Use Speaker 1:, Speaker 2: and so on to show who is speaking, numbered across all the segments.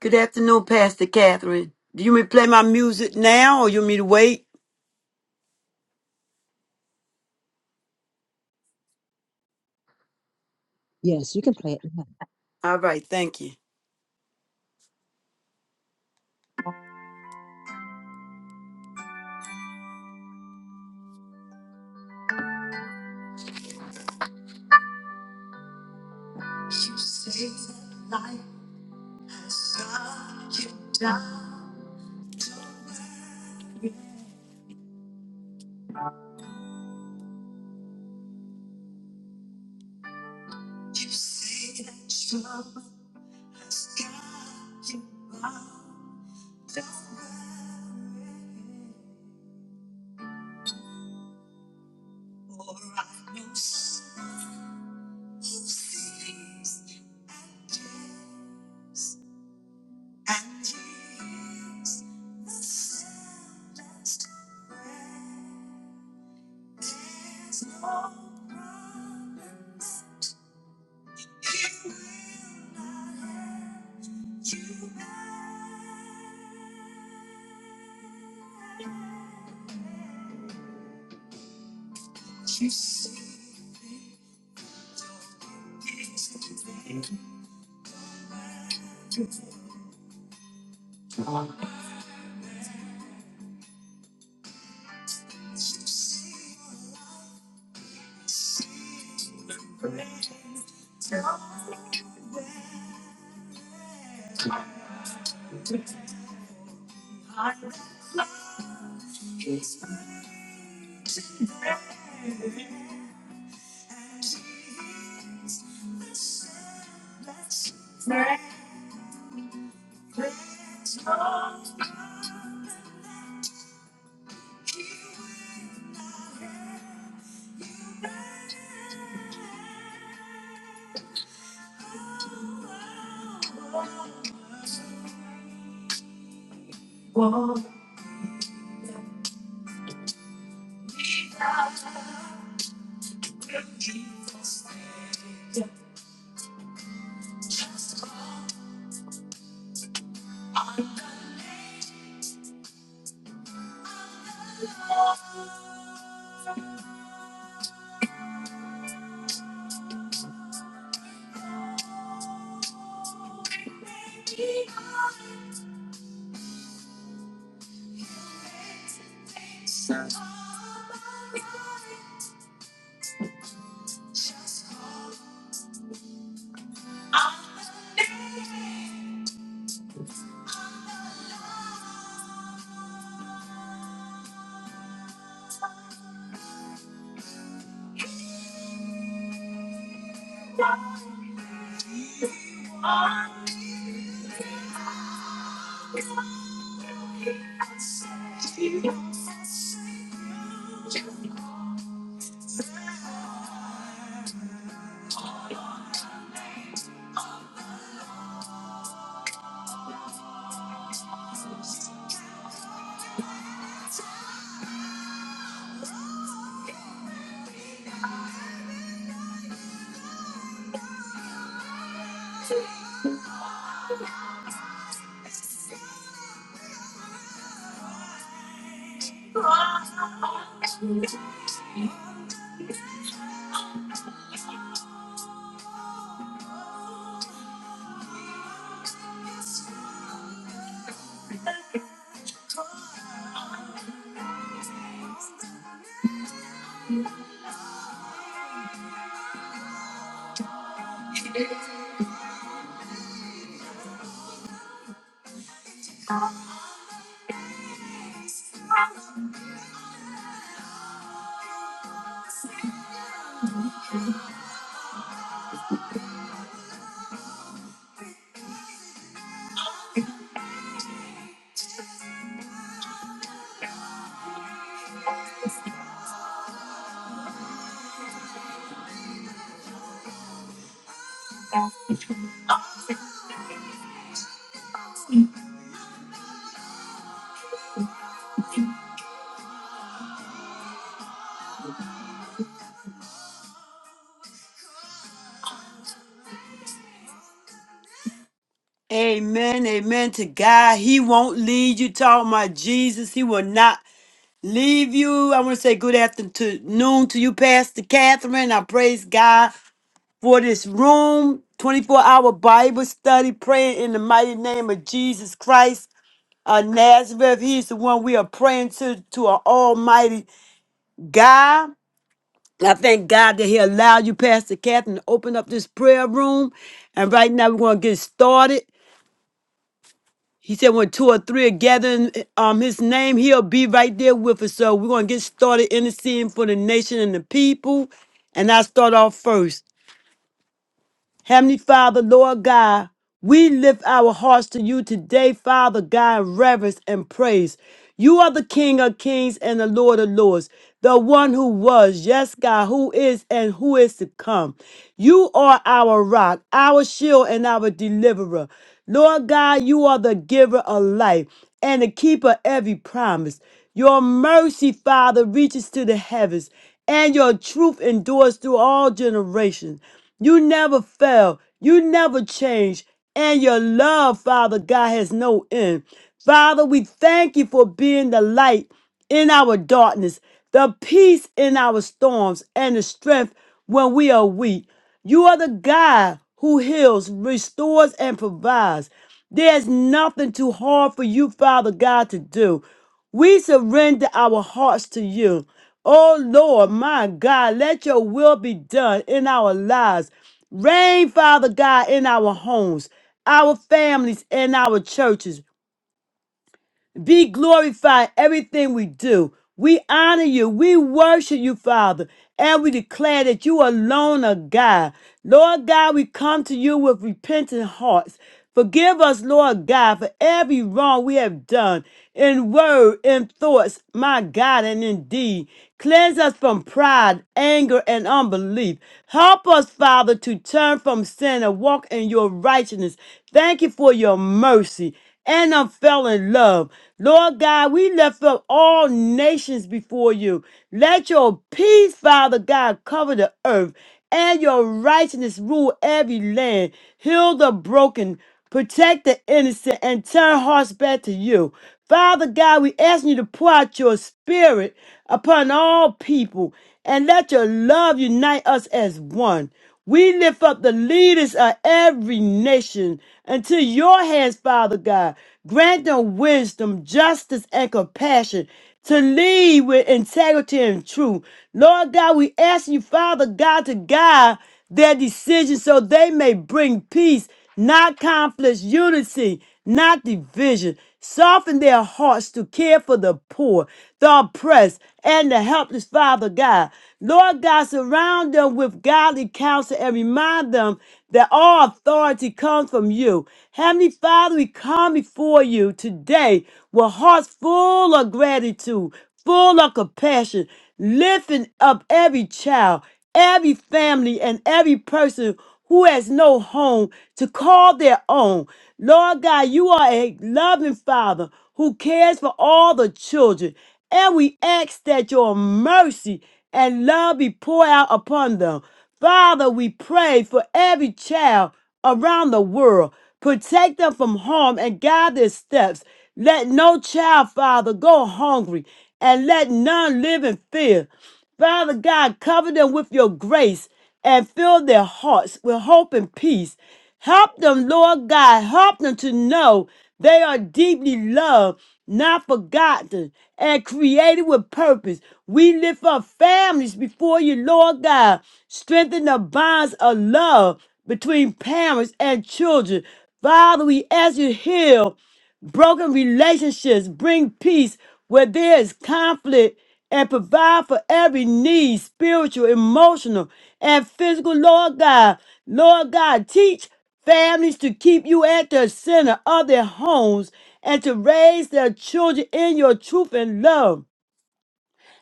Speaker 1: Good afternoon, Pastor Catherine. Do you want me to play my music now or you want me to wait?
Speaker 2: Yes, you can play it now.
Speaker 1: All right, thank you. Amen, amen to God. He won't lead you. Talk my Jesus. He will not leave you. I want to say good afternoon to you, Pastor Catherine. I praise God for this room. 24 hour Bible study, praying in the mighty name of Jesus Christ of Nazareth. He is the one we are praying to, to our almighty God. I thank God that He allowed you, Pastor Catherine, to open up this prayer room. And right now we're going to get started. He said, when two or three are gathering um, His name, He'll be right there with us. So we're going to get started interceding for the nation and the people. And I start off first. Heavenly Father, Lord God, we lift our hearts to you today, Father God, in reverence and praise. You are the King of kings and the Lord of lords, the one who was, yes, God, who is and who is to come. You are our rock, our shield, and our deliverer. Lord God, you are the giver of life and the keeper of every promise. Your mercy, Father, reaches to the heavens and your truth endures through all generations. You never fail, you never change, and your love, Father God, has no end. Father, we thank you for being the light in our darkness, the peace in our storms, and the strength when we are weak. You are the God who heals, restores, and provides. There's nothing too hard for you, Father God, to do. We surrender our hearts to you. Oh Lord, my God, let your will be done in our lives. Reign, Father God, in our homes, our families, and our churches. Be glorified everything we do. We honor you. We worship you, Father. And we declare that you alone are God. Lord God, we come to you with repentant hearts. Forgive us, Lord God, for every wrong we have done in word, in thoughts, my God, and in deed. Cleanse us from pride, anger, and unbelief. Help us, Father, to turn from sin and walk in your righteousness. Thank you for your mercy and I fell in love. Lord God, we lift up all nations before you. Let your peace, Father God, cover the earth and your righteousness rule every land. Heal the broken, protect the innocent, and turn hearts back to you. Father God, we ask you to pour out your spirit upon all people and let your love unite us as one. We lift up the leaders of every nation into your hands, Father God. Grant them wisdom, justice, and compassion to lead with integrity and truth. Lord God, we ask you, Father God, to guide their decisions so they may bring peace not conflicts, unity, not division. Soften their hearts to care for the poor, the oppressed, and the helpless, Father God. Lord God, surround them with godly counsel and remind them that all authority comes from you. Heavenly Father, we come before you today with hearts full of gratitude, full of compassion, lifting up every child, every family, and every person who has no home to call their own. Lord God, you are a loving Father who cares for all the children. And we ask that your mercy and love be poured out upon them. Father, we pray for every child around the world. Protect them from harm and guide their steps. Let no child, Father, go hungry and let none live in fear. Father God, cover them with your grace and fill their hearts with hope and peace. Help them, Lord God. Help them to know they are deeply loved, not forgotten, and created with purpose. We lift up families before you, Lord God. Strengthen the bonds of love between parents and children. Father, we ask you to heal. Broken relationships bring peace where there is conflict and provide for every need, spiritual, emotional, and physical. Lord God, Lord God, teach families to keep you at the center of their homes and to raise their children in your truth and love.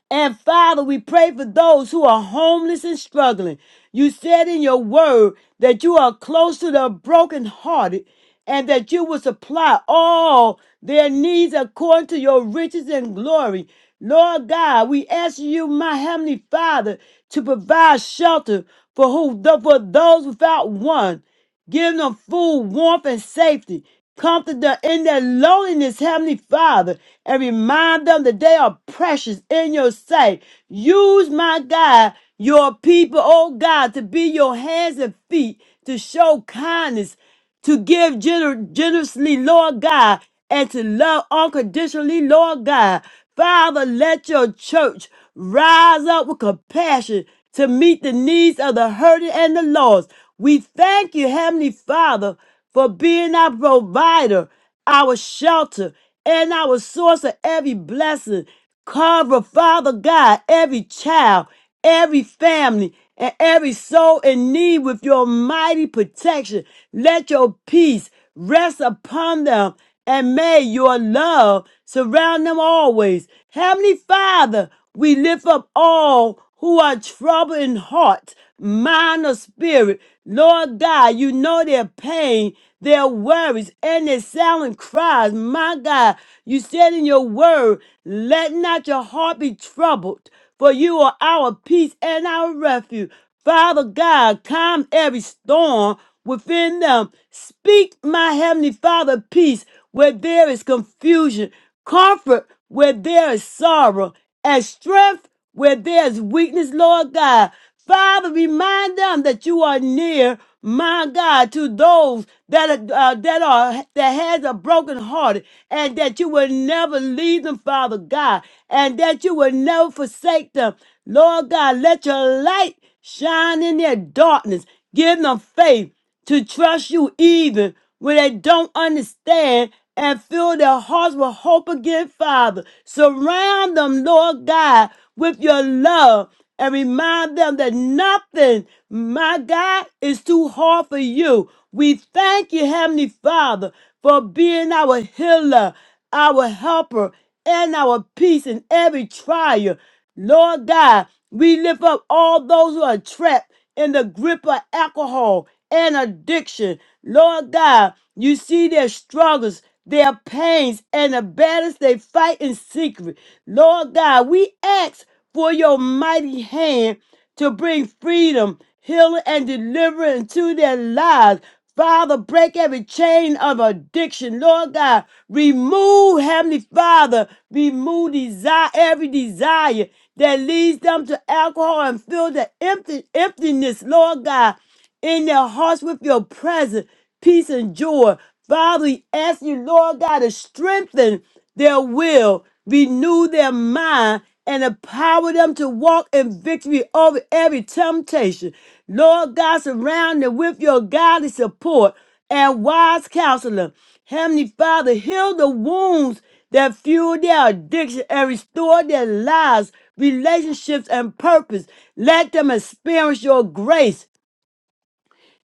Speaker 1: And Father, we pray for those who are homeless and struggling. You said in your word that you are close to the brokenhearted and that you will supply all their needs according to your riches and glory. Lord God, we ask you, my heavenly Father, to provide shelter for who for those without one Give them food, warmth, and safety. Comfort them in their loneliness, Heavenly Father, and remind them that they are precious in your sight. Use my God, your people, oh God, to be your hands and feet to show kindness to give gener- generously, Lord God, and to love unconditionally, Lord God. Father, let your church rise up with compassion to meet the needs of the hurting and the lost. We thank you, Heavenly Father, for being our provider, our shelter, and our source of every blessing. Cover, Father God, every child every family and every soul in need with your mighty protection. Let your peace rest upon them and may your love surround them always. Heavenly Father, we lift up all who are troubled in heart, mind, or spirit. Lord God, you know their pain, their worries, and their silent cries. My God, you said in your word, let not your heart be troubled for you are our peace and our refuge. Father God, calm every storm within them. Speak, my heavenly Father, peace where there is confusion, comfort where there is sorrow, and strength where there is weakness, Lord God. Father, remind them that you are near, my God, to those that are, uh, that are that has a broken heart, and that you will never leave them, Father God, and that you will never forsake them. Lord God, let your light shine in their darkness. Give them faith to trust you even when they don't understand and fill their hearts with hope again, Father. Surround them, Lord God, with your love and remind them that nothing, my God, is too hard for you. We thank you, Heavenly Father, for being our healer, our helper, and our peace in every trial. Lord God, we lift up all those who are trapped in the grip of alcohol and addiction. Lord God, you see their struggles, their pains, and the battles they fight in secret. Lord God, we ask for your mighty hand to bring freedom, healing, and deliverance to their lives. Father, break every chain of addiction. Lord God, remove, Heavenly Father, remove desire, every desire that leads them to alcohol and fill the empty, emptiness, Lord God in their hearts with your presence, peace, and joy. Father, we ask you, Lord God, to strengthen their will, renew their mind, and empower them to walk in victory over every temptation. Lord God, surround them with your godly support and wise counselor. Heavenly Father, heal the wounds that fuel their addiction and restore their lives, relationships, and purpose. Let them experience your grace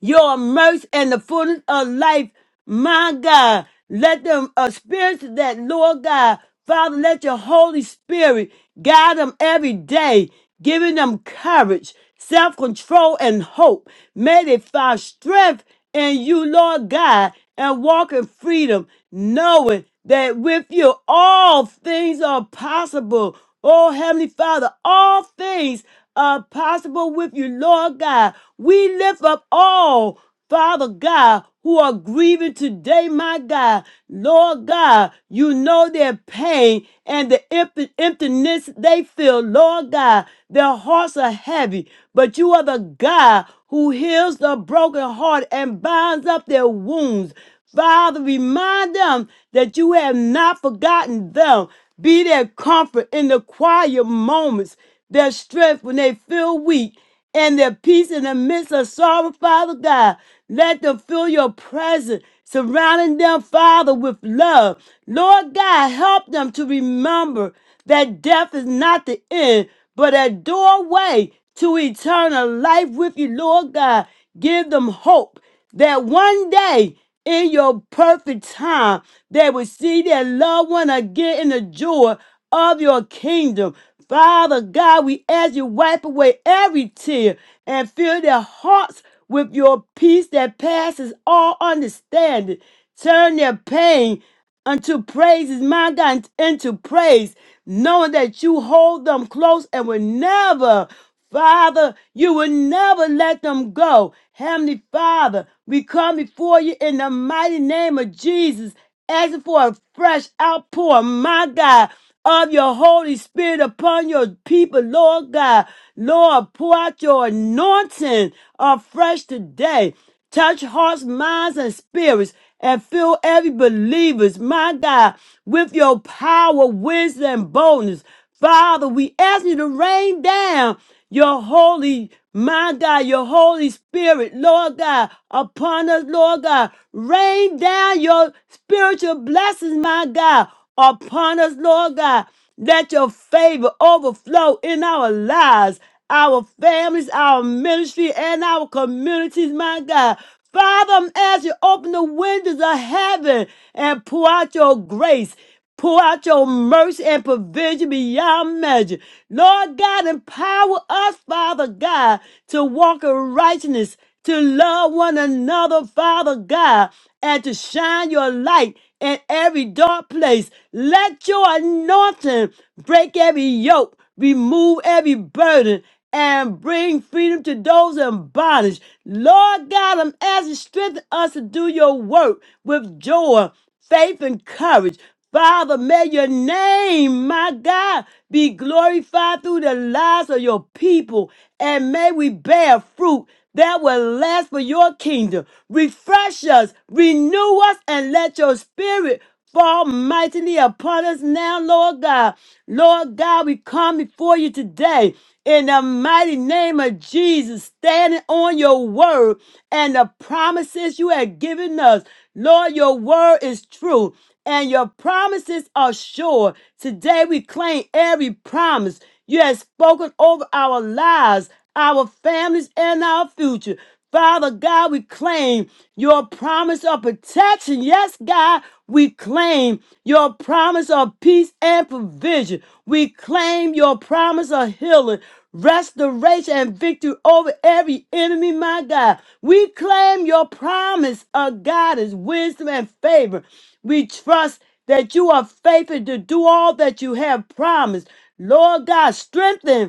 Speaker 1: your mercy and the fullness of life, my God. Let them experience that, Lord God. Father, let your Holy Spirit guide them every day, giving them courage, self control, and hope. May they find strength in you, Lord God, and walk in freedom, knowing that with you all things are possible. Oh, Heavenly Father, all things are possible with you, Lord God. We lift up all, Father God, who are grieving today, my God. Lord God, you know their pain and the empt- emptiness they feel, Lord God. Their hearts are heavy, but you are the God who heals the broken heart and binds up their wounds. Father, remind them that you have not forgotten them. Be their comfort in the quiet moments their strength when they feel weak, and their peace in the midst of sorrow, Father God. Let them feel your presence, surrounding them, Father, with love. Lord God, help them to remember that death is not the end, but a doorway to eternal life with you, Lord God. Give them hope that one day in your perfect time, they will see their loved one again in the joy of your kingdom. Father God, we ask you wipe away every tear and fill their hearts with your peace that passes all understanding. Turn their pain unto praise is my God, into praise, knowing that you hold them close and will never, Father, you will never let them go. Heavenly Father, we come before you in the mighty name of Jesus, asking for a fresh outpour, my God. Of your Holy Spirit upon your people, Lord God. Lord, pour out your anointing afresh today. Touch hearts, minds, and spirits, and fill every believer's, my God, with your power, wisdom, and boldness. Father, we ask you to rain down your holy, my God, your Holy Spirit, Lord God, upon us, Lord God. Rain down your spiritual blessings, my God, upon us, Lord God. Let your favor overflow in our lives our families, our ministry, and our communities, my God. Father, as you open the windows of heaven and pour out your grace, pour out your mercy and provision beyond measure. Lord God, empower us, Father God, to walk in righteousness, to love one another, Father God, and to shine your light in every dark place. Let your anointing break every yoke remove every burden, and bring freedom to those in bondage. Lord God, I'm asking strengthen us to do your work with joy, faith, and courage. Father, may your name, my God, be glorified through the lives of your people, and may we bear fruit that will last for your kingdom. Refresh us, renew us, and let your spirit Fall mightily upon us now, Lord God. Lord God, we come before you today in the mighty name of Jesus, standing on your word and the promises you have given us. Lord, your word is true and your promises are sure. Today we claim every promise you have spoken over our lives, our families, and our future. Father God, we claim your promise of protection. Yes, God, we claim your promise of peace and provision. We claim your promise of healing, restoration, and victory over every enemy, my God. We claim your promise of guidance, wisdom, and favor. We trust that you are faithful to do all that you have promised. Lord God, strengthen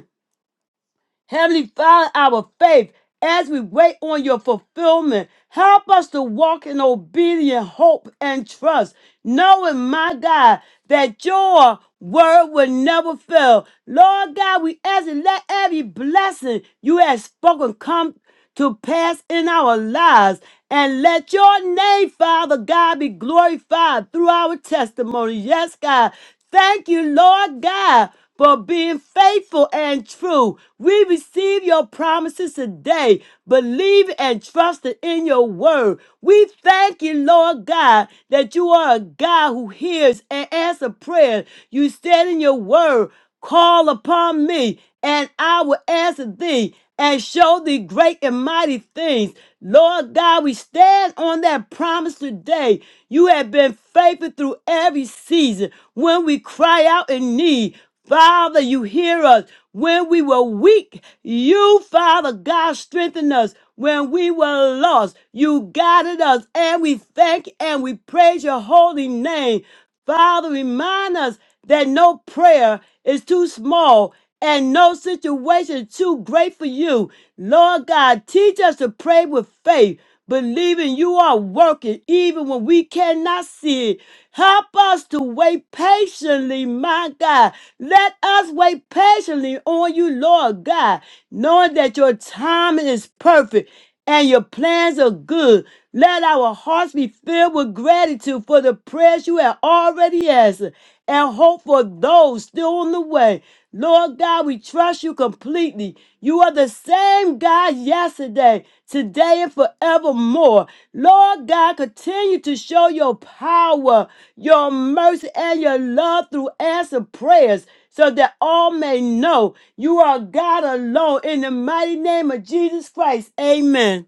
Speaker 1: Heavenly Father, our faith as we wait on your fulfillment. Help us to walk in obedient hope and trust, knowing, my God, that your word will never fail. Lord God, we ask and let every blessing you have spoken come to pass in our lives. And let your name, Father God, be glorified through our testimony. Yes, God. Thank you, Lord God, for being faithful and true. We receive your promises today, believe and trust in your word. We thank you, Lord God, that you are a God who hears and answers prayer. You stand in your word. Call upon me, and I will answer thee and show thee great and mighty things. Lord God, we stand on that promise today. You have been faithful through every season. When we cry out in need, Father, you hear us. When we were weak, you, Father God, strengthened us. When we were lost, you guided us. And we thank and we praise your holy name. Father, remind us that no prayer is too small and no situation too great for you. Lord God, teach us to pray with faith, believing you are working even when we cannot see it. Help us to wait patiently, my God. Let us wait patiently on you, Lord God, knowing that your timing is perfect and your plans are good. Let our hearts be filled with gratitude for the prayers you have already answered and hope for those still on the way. Lord God, we trust you completely. You are the same God yesterday, today, and forevermore. Lord God, continue to show your power, your mercy, and your love through answer prayers so that all may know you are God alone. In the mighty name of Jesus Christ, amen.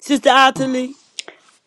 Speaker 1: Sister Ottilie,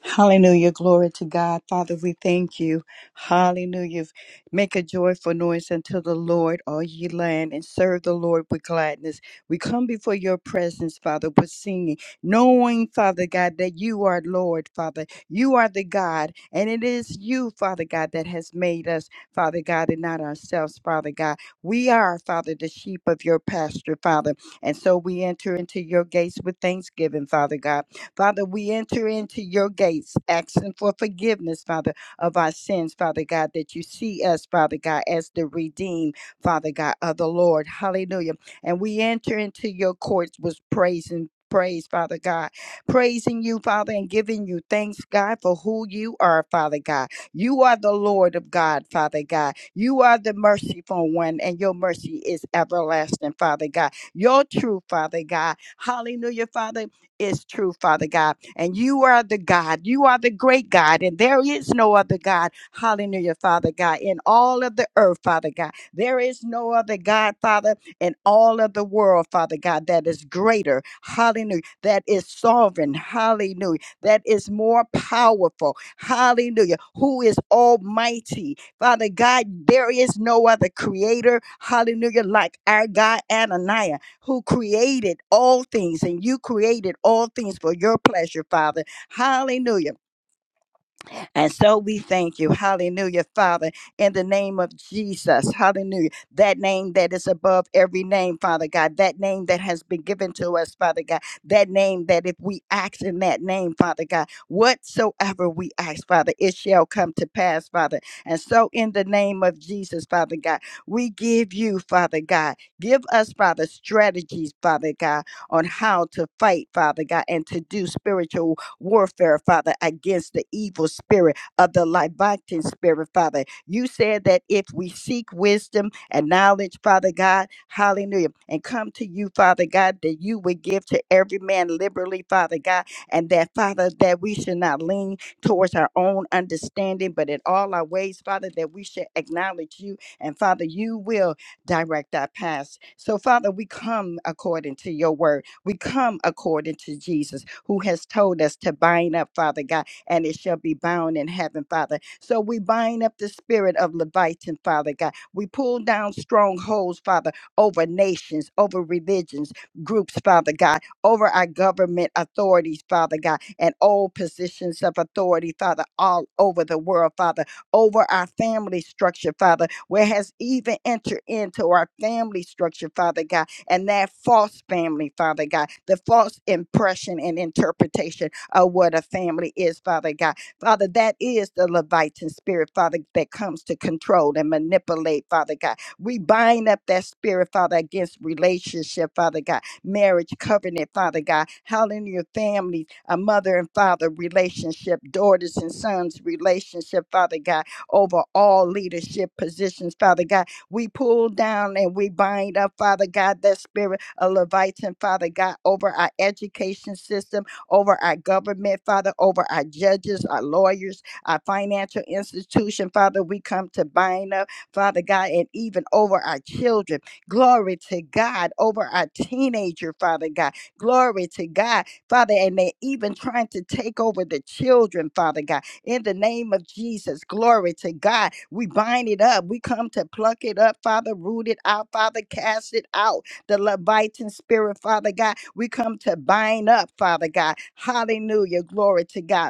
Speaker 3: Hallelujah. Glory to God. Father, we thank you. Hallelujah. Make a joyful noise unto the Lord, all ye land, and serve the Lord with gladness. We come before your presence, Father, with singing, knowing, Father God, that you are Lord, Father. You are the God, and it is you, Father God, that has made us, Father God, and not ourselves, Father God. We are, Father, the sheep of your pasture, Father. And so we enter into your gates with thanksgiving, Father God. Father, we enter into your gates, asking for forgiveness, Father, of our sins, Father God, that you see us, Father God, as the redeemed, Father God, of the Lord. Hallelujah. And we enter into your courts with praise and Praise, Father God. Praising you, Father, and giving you thanks, God, for who you are, Father God. You are the Lord of God, Father God. You are the merciful one, and your mercy is everlasting, Father God. Your truth, Father God. Hallelujah, Father is true, Father God. And you are the God. You are the great God. And there is no other God. Hallelujah, Father God. In all of the earth, Father God. There is no other God, Father, in all of the world, Father God, that is greater. Hallelujah. That is sovereign. Hallelujah. That is more powerful. Hallelujah. Who is almighty. Father God, there is no other creator. Hallelujah. Like our God, Ananias who created all things, and you created all things for your pleasure, Father. Hallelujah. And so we thank you. Hallelujah, Father, in the name of Jesus. Hallelujah. That name that is above every name, Father God. That name that has been given to us, Father God. That name that if we ask in that name, Father God, whatsoever we ask, Father, it shall come to pass, Father. And so in the name of Jesus, Father God, we give you, Father God, give us, Father, strategies, Father God, on how to fight, Father God, and to do spiritual warfare, Father, against the evil spirit of the Leviathan spirit, Father. You said that if we seek wisdom and knowledge, Father God, hallelujah, and come to you, Father God, that you would give to every man liberally, Father God, and that, Father, that we should not lean towards our own understanding, but in all our ways, Father, that we should acknowledge you. And Father, you will direct our paths. So, Father, we come according to your word. We come according to Jesus, who has told us to bind up, Father God, and it shall be bound in heaven, Father. So we bind up the spirit of Leviathan, Father God. We pull down strongholds, Father, over nations, over religions, groups, Father God, over our government authorities, Father God, and all positions of authority, Father, all over the world, Father, over our family structure, Father, where has even entered into our family structure, Father God and that false family, Father God, the false impression and interpretation of what a family is, Father God. Father, that is the Leviathan spirit, Father, that comes to control and manipulate, Father God. We bind up that spirit, Father, against relationship, Father God, marriage covenant, Father God. Hallelujah, families, a mother and father relationship, daughters and sons relationship, Father God, over all leadership positions, Father God we pull down and we bind up, Father God, that spirit of Leviathan, Father God, over our education system, over our government, Father, over our judges, our lawyers, our financial institution, Father. We come to bind up, Father God, and even over our children. Glory to God, over our teenager, Father God. Glory to God, Father, and they're even trying to take over the children, Father God in the name of Jesus. Glory to God. We bind it up. We come to pluck it up, Father, root it out, Father, cast it out. The Leviathan spirit, Father God, we come to bind up, Father God. Hallelujah. Glory to God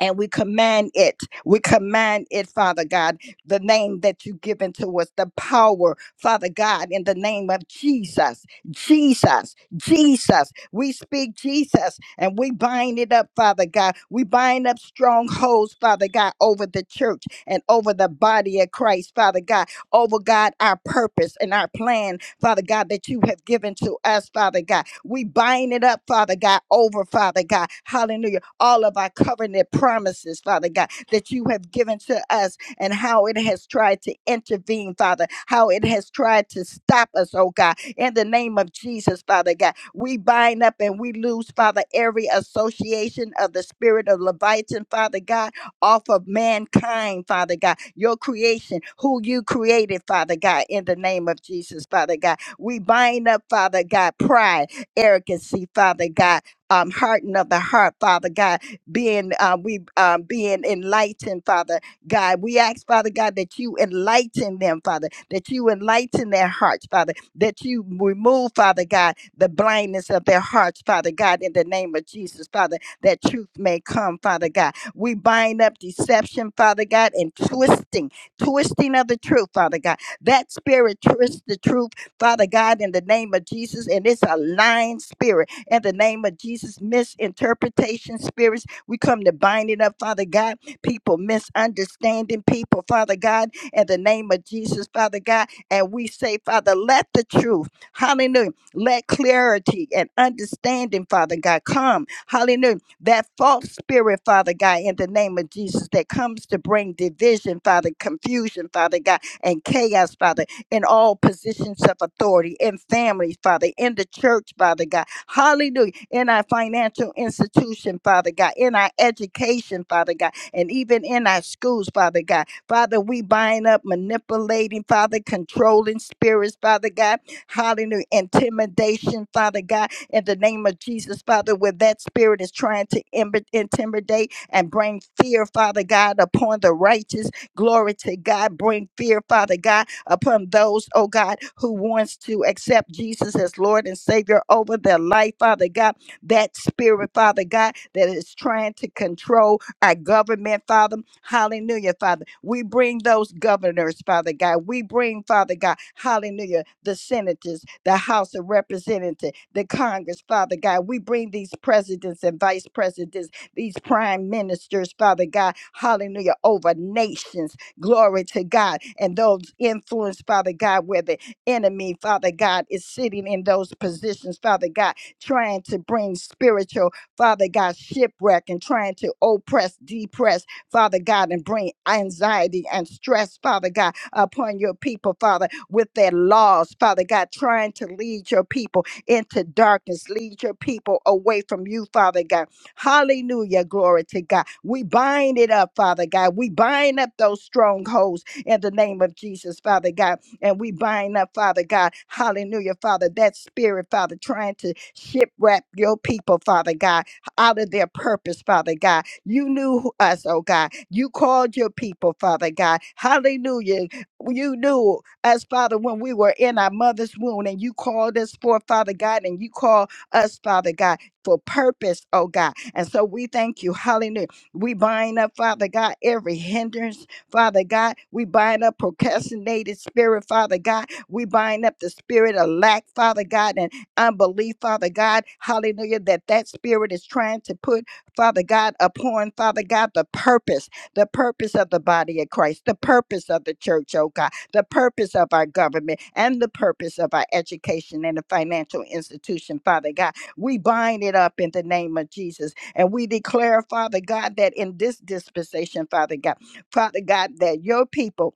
Speaker 3: and we command it. We command it, Father God, the name that you've given to us, the power, Father God, in the name of Jesus, Jesus, Jesus. We speak Jesus and we bind it up, Father God. We bind up strongholds, Father God, over the church and over the body of Christ, Father God, over God, our purpose and our plan, Father God, that you have given to us, Father God. We bind it up, Father God, over, Father God. Hallelujah all of our covenant promises, Father God, that you have given to us and how it has tried to intervene, Father, how it has tried to stop us, oh God. In the name of Jesus, Father God, we bind up and we lose, Father, every association of the spirit of Leviathan, Father God, off of mankind, Father God, your creation, who you created, Father God, in the name of Jesus, Father God. We bind up, Father God, pride, arrogancy, Father God, um, harden of the heart, Father God, being uh, we um, being enlightened, Father God. We ask, Father God, that you enlighten them, Father, that you enlighten their hearts, Father, that you remove, Father God, the blindness of their hearts, Father God, in the name of Jesus, Father, that truth may come, Father God. We bind up deception, Father God, and twisting, twisting of the truth, Father God. That spirit twists the truth, Father God, in the name of Jesus, and it's a lying spirit in the name of Jesus. Misinterpretation spirits, we come to bind it up, Father God. People misunderstanding people, Father God, in the name of Jesus, Father God. And we say, Father, let the truth, hallelujah, let clarity and understanding, Father God, come, hallelujah. That false spirit, Father God, in the name of Jesus, that comes to bring division, Father, confusion, Father God, and chaos, Father, in all positions of authority, in families, Father, in the church, Father God. Hallelujah. In our financial institution, Father God, in our education, Father God, and even in our schools, Father God. Father, we bind up, manipulating, Father, controlling spirits, Father God. Hallelujah. Intimidation, Father God, in the name of Jesus, Father, where that spirit is trying to im- intimidate and bring fear, Father God, upon the righteous. Glory to God. Bring fear, Father God upon those, oh God, who wants to accept Jesus as Lord and Savior over their life, Father God. That spirit, Father God, that is trying to control our government, Father. Hallelujah, Father. We bring those governors, Father God. We bring, Father God, hallelujah, the senators, the House of Representatives, the Congress, Father God. We bring these presidents and vice presidents, these prime ministers, Father God, hallelujah, over nations, Glory to God. And those influenced, Father God, where the enemy, Father God, is sitting in those positions, Father God, trying to bring spiritual, Father God, shipwreck and trying to oppress, depress, Father God, and bring anxiety and stress, Father God, upon your people, Father, with their laws, Father God, trying to lead your people into darkness, lead your people away from you, Father God Hallelujah. Glory to God. We bind it up, Father God. We bind up those strongholds in the name of Jesus, Father God. And we bind up, Father God. Hallelujah, Father. That spirit, Father, trying to shipwreck your people, Father God, out of their purpose, Father God. You knew who- us, oh God. You called your people, Father God. Hallelujah. You knew us, Father, when we were in our mother's womb, and you called us forth, Father God, and you called us, Father God, for purpose, oh God. And so we thank you. Hallelujah. We bind up, Father God, every hindrance, Father God. We bind up procrastinated spirit, Father God. We bind up the spirit of lack, Father God, and unbelief, Father God. Hallelujah. That that spirit is trying to put, Father God, upon, Father God, the purpose, the purpose of the body of Christ, the purpose of the church, oh God, the purpose of our government, and the purpose of our education and the financial institution, Father God. We bind it up in the name of Jesus and we declare, Father God, that in this dispensation, Father God, Father God, that your people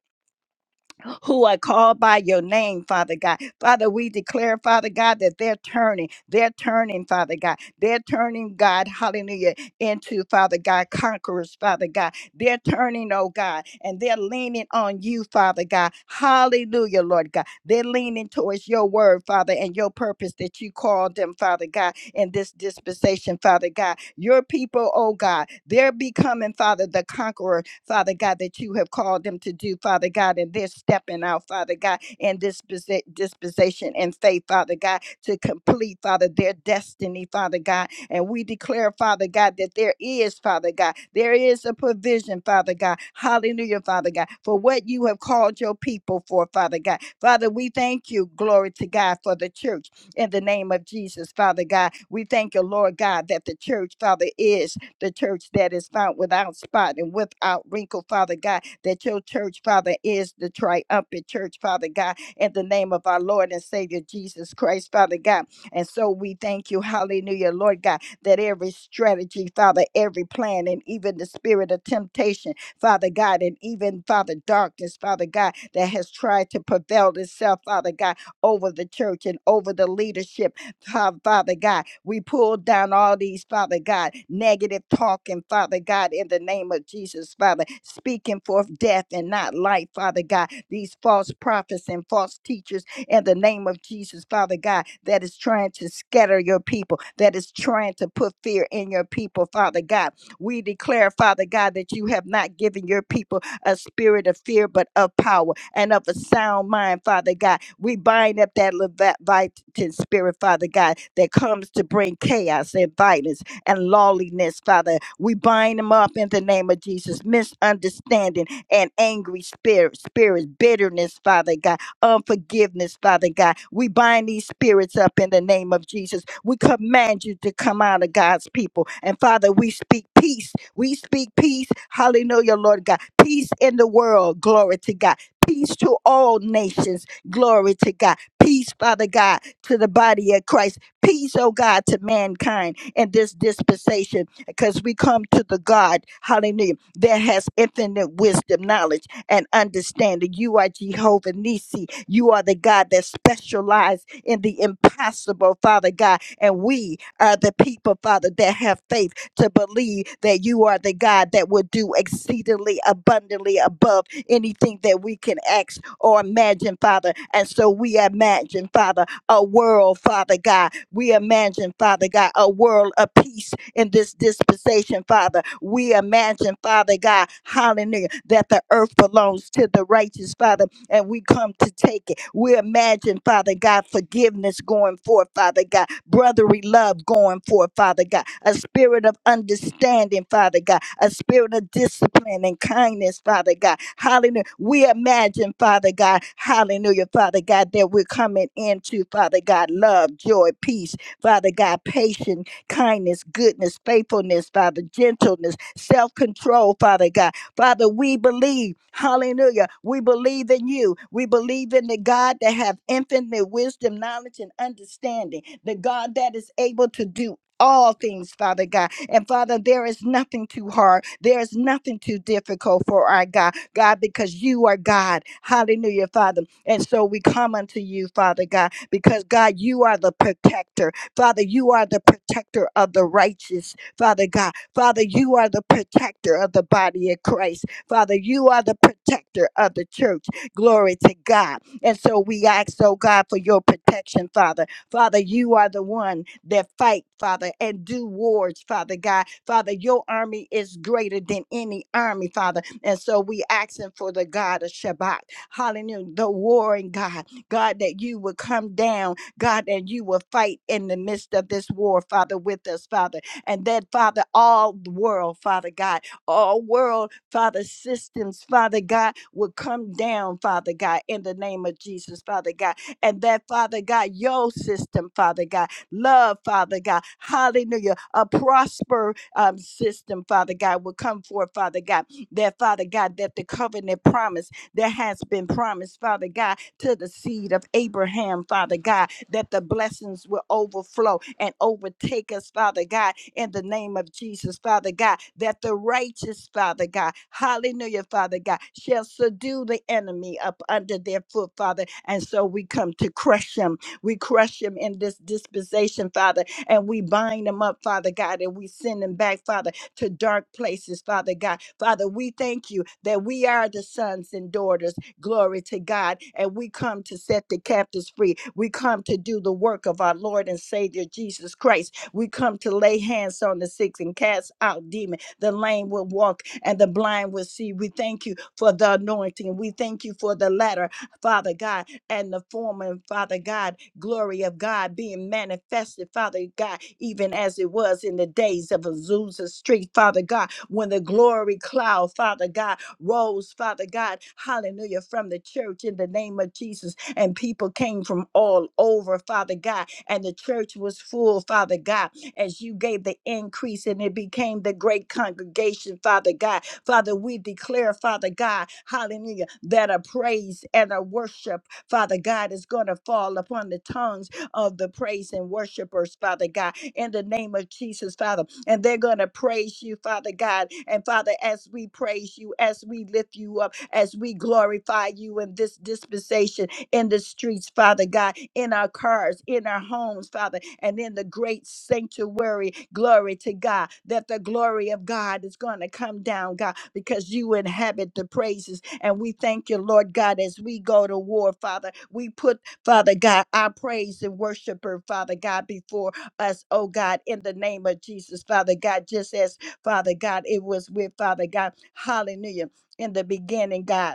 Speaker 3: who are called by your name, Father God. Father, we declare, Father God, that they're turning. They're turning, Father God. They're turning, God, hallelujah, into, Father God, conquerors, Father God. They're turning, oh God, and they're leaning on you, Father God. Hallelujah, Lord God. They're leaning towards your word, Father, and your purpose that you called them, Father God, in this dispensation, Father God. Your people, oh God, they're becoming, Father, the conqueror, Father God, that you have called them to do, Father God, and they're stepping out, Father God, in this posi- disposition and faith, Father God, to complete, Father, their destiny, Father God. And we declare, Father God, that there is, Father God, there is a provision, Father God. Hallelujah, Father God, for what you have called your people for, Father God. Father, we thank you, glory to God, for the church in the name of Jesus, Father God. We thank you, Lord God, that the church, Father, is the church that is found without spot and without wrinkle, Father God, that your church, Father, is the triumphant church, Father God, in the name of our Lord and Savior Jesus Christ, Father God. And so we thank you, hallelujah, Lord God, that every strategy, Father, every plan, and even the spirit of temptation, Father God, and even, Father, darkness, Father God, that has tried to prevail itself, Father God, over the church and over the leadership. Fa- Father God, we pull down all these, Father God, negative talking, Father God, in the name of Jesus, Father, speaking forth death and not life, Father God, these false prophets and false teachers in the name of Jesus, Father God, that is trying to scatter your people, that is trying to put fear in your people, Father God. We declare, Father God, that you have not given your people a spirit of fear, but of power and of a sound mind, Father God we bind up that Leviathan spirit, Father God, that comes to bring chaos and violence and lawlessness, Father. We bind them up in the name of Jesus. Misunderstanding and angry spirit, spirits, bitterness, Father God, unforgiveness, Father God. We bind these spirits up in the name of Jesus. We command you to come out of God's people. And Father, we speak peace. We speak peace. Hallelujah, Lord God. Peace in the world. Glory to God. Peace to all nations Glory to God. Peace, Father God, to the body of Christ. Peace, oh God, to mankind in this dispensation because we come to the God, hallelujah, that has infinite wisdom, knowledge, and understanding. You are Jehovah Nisi. You are the God that specializes in the impossible, Father God. And we are the people, Father, that have faith to believe that you are the God that will do exceedingly abundantly above anything that we can ask or imagine, Father. And so we imagine, Father, a world, Father God. We imagine, Father God, a world of peace in this dispensation, Father. We imagine, Father God, hallelujah, that the earth belongs to the righteous, Father, and we come to take it. We imagine, Father God, forgiveness going forth, Father God brotherly love going forth, Father God, a spirit of understanding, Father God, a spirit of discipline and kindness, Father God. Hallelujah. We imagine, Father God, hallelujah, Father God, that we're coming into, Father God, love, joy, peace, Father God, patience, kindness, goodness, faithfulness, Father, gentleness, self control, Father God. Father, we believe, hallelujah, we believe in you. We believe in the God that have infinite wisdom, knowledge, and understanding, the God that is able to do all things, Father God. And Father, there is nothing too hard. There is nothing too difficult for our God, God, because you are God. Hallelujah, Father. And so we come unto you, Father God, because God, you are the protector. Father, you are the protector of the righteous, Father God. Father, you are the protector of the body of Christ. Father, you are the protector of the church. Glory to God. And so we ask, oh God, for your protection, Father. Father, you are the one that fight, Father, and do wars, Father God. Father, your army is greater than any army, Father. And so we asking for the God of Shabbat. Hallelujah. The warring God. God, that you would come down, God, and you will fight in the midst of this war, Father, with us, Father and that, Father, all the world, Father God, all world, Father, systems, Father God, will come down, Father God, in the name of Jesus, Father God, and that, Father God, your system, Father God, love, Father God, hallelujah, a prosper um, system, Father God, will come forth, Father God, that, Father God, that the covenant promise that has been promised, Father God, to the seed of Abraham, Father God, that the blessings will overflow and overtake us, Father God, in the name of Jesus, Father God, that the righteous, Father God, hallelujah, Father God, shall subdue the enemy up under their foot, Father. And so we come to crush him. We crush him in this dispensation, Father, and we bind him up, Father God, and we send him back, Father, to dark places, Father God. Father, we thank you that we are the sons and daughters Glory to God. And we come to set the captives free. We come to do the work of our Lord and Savior Jesus Christ. We come to lay hands on the sick and cast out demons. The lame will walk and the blind will see. We thank you for the anointing. We thank you for the latter, Father God, and the former, Father God, glory of God being manifested, Father God, even as it was in the days of Azusa Street, Father God, when the glory cloud, Father God, rose, Father God, hallelujah, from the church in the name of Jesus. And people came from all over, Father God, and the church was full, Father God, as you gave the increase and it became the great congregation, Father God. Father, we declare, Father God, hallelujah, that a praise and a worship, Father God, is going to fall upon the tongues of the praise and worshipers, Father God, in the name of Jesus, Father. And they're going to praise you, Father God. And Father, as we praise you, as we lift you up, as we glorify you in this dispensation, in the streets, Father God, in our cars, in our homes, Father, and in the great sanctuary. Glory to God that the glory of God is going to come down, God, because you inhabit the praises. And we thank you, Lord God, as we go to war, Father. We put Father God, our praise and worshiper, Father God, before us, oh God, in the name of Jesus, Father God, just as Father God, it was with Father God, hallelujah, in the beginning, God.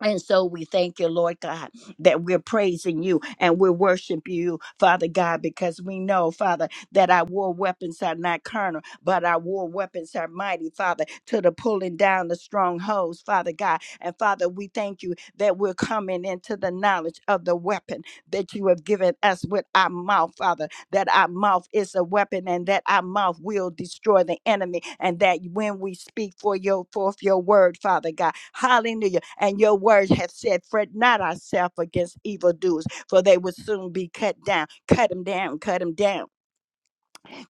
Speaker 3: And so we thank you, Lord God, that we're praising you and we're worshiping you, Father God, because we know, Father, that our war weapons are not carnal, but our war weapons are mighty, Father, to the pulling down the strongholds, Father God. And Father, we thank you that we're coming into the knowledge of the weapon that you have given us with our mouth, Father that our mouth is a weapon and that our mouth will destroy the enemy and that when we speak for your forth your word father god hallelujah and your word have said fret not ourselves against evildoers for they will soon be cut down cut them down cut them down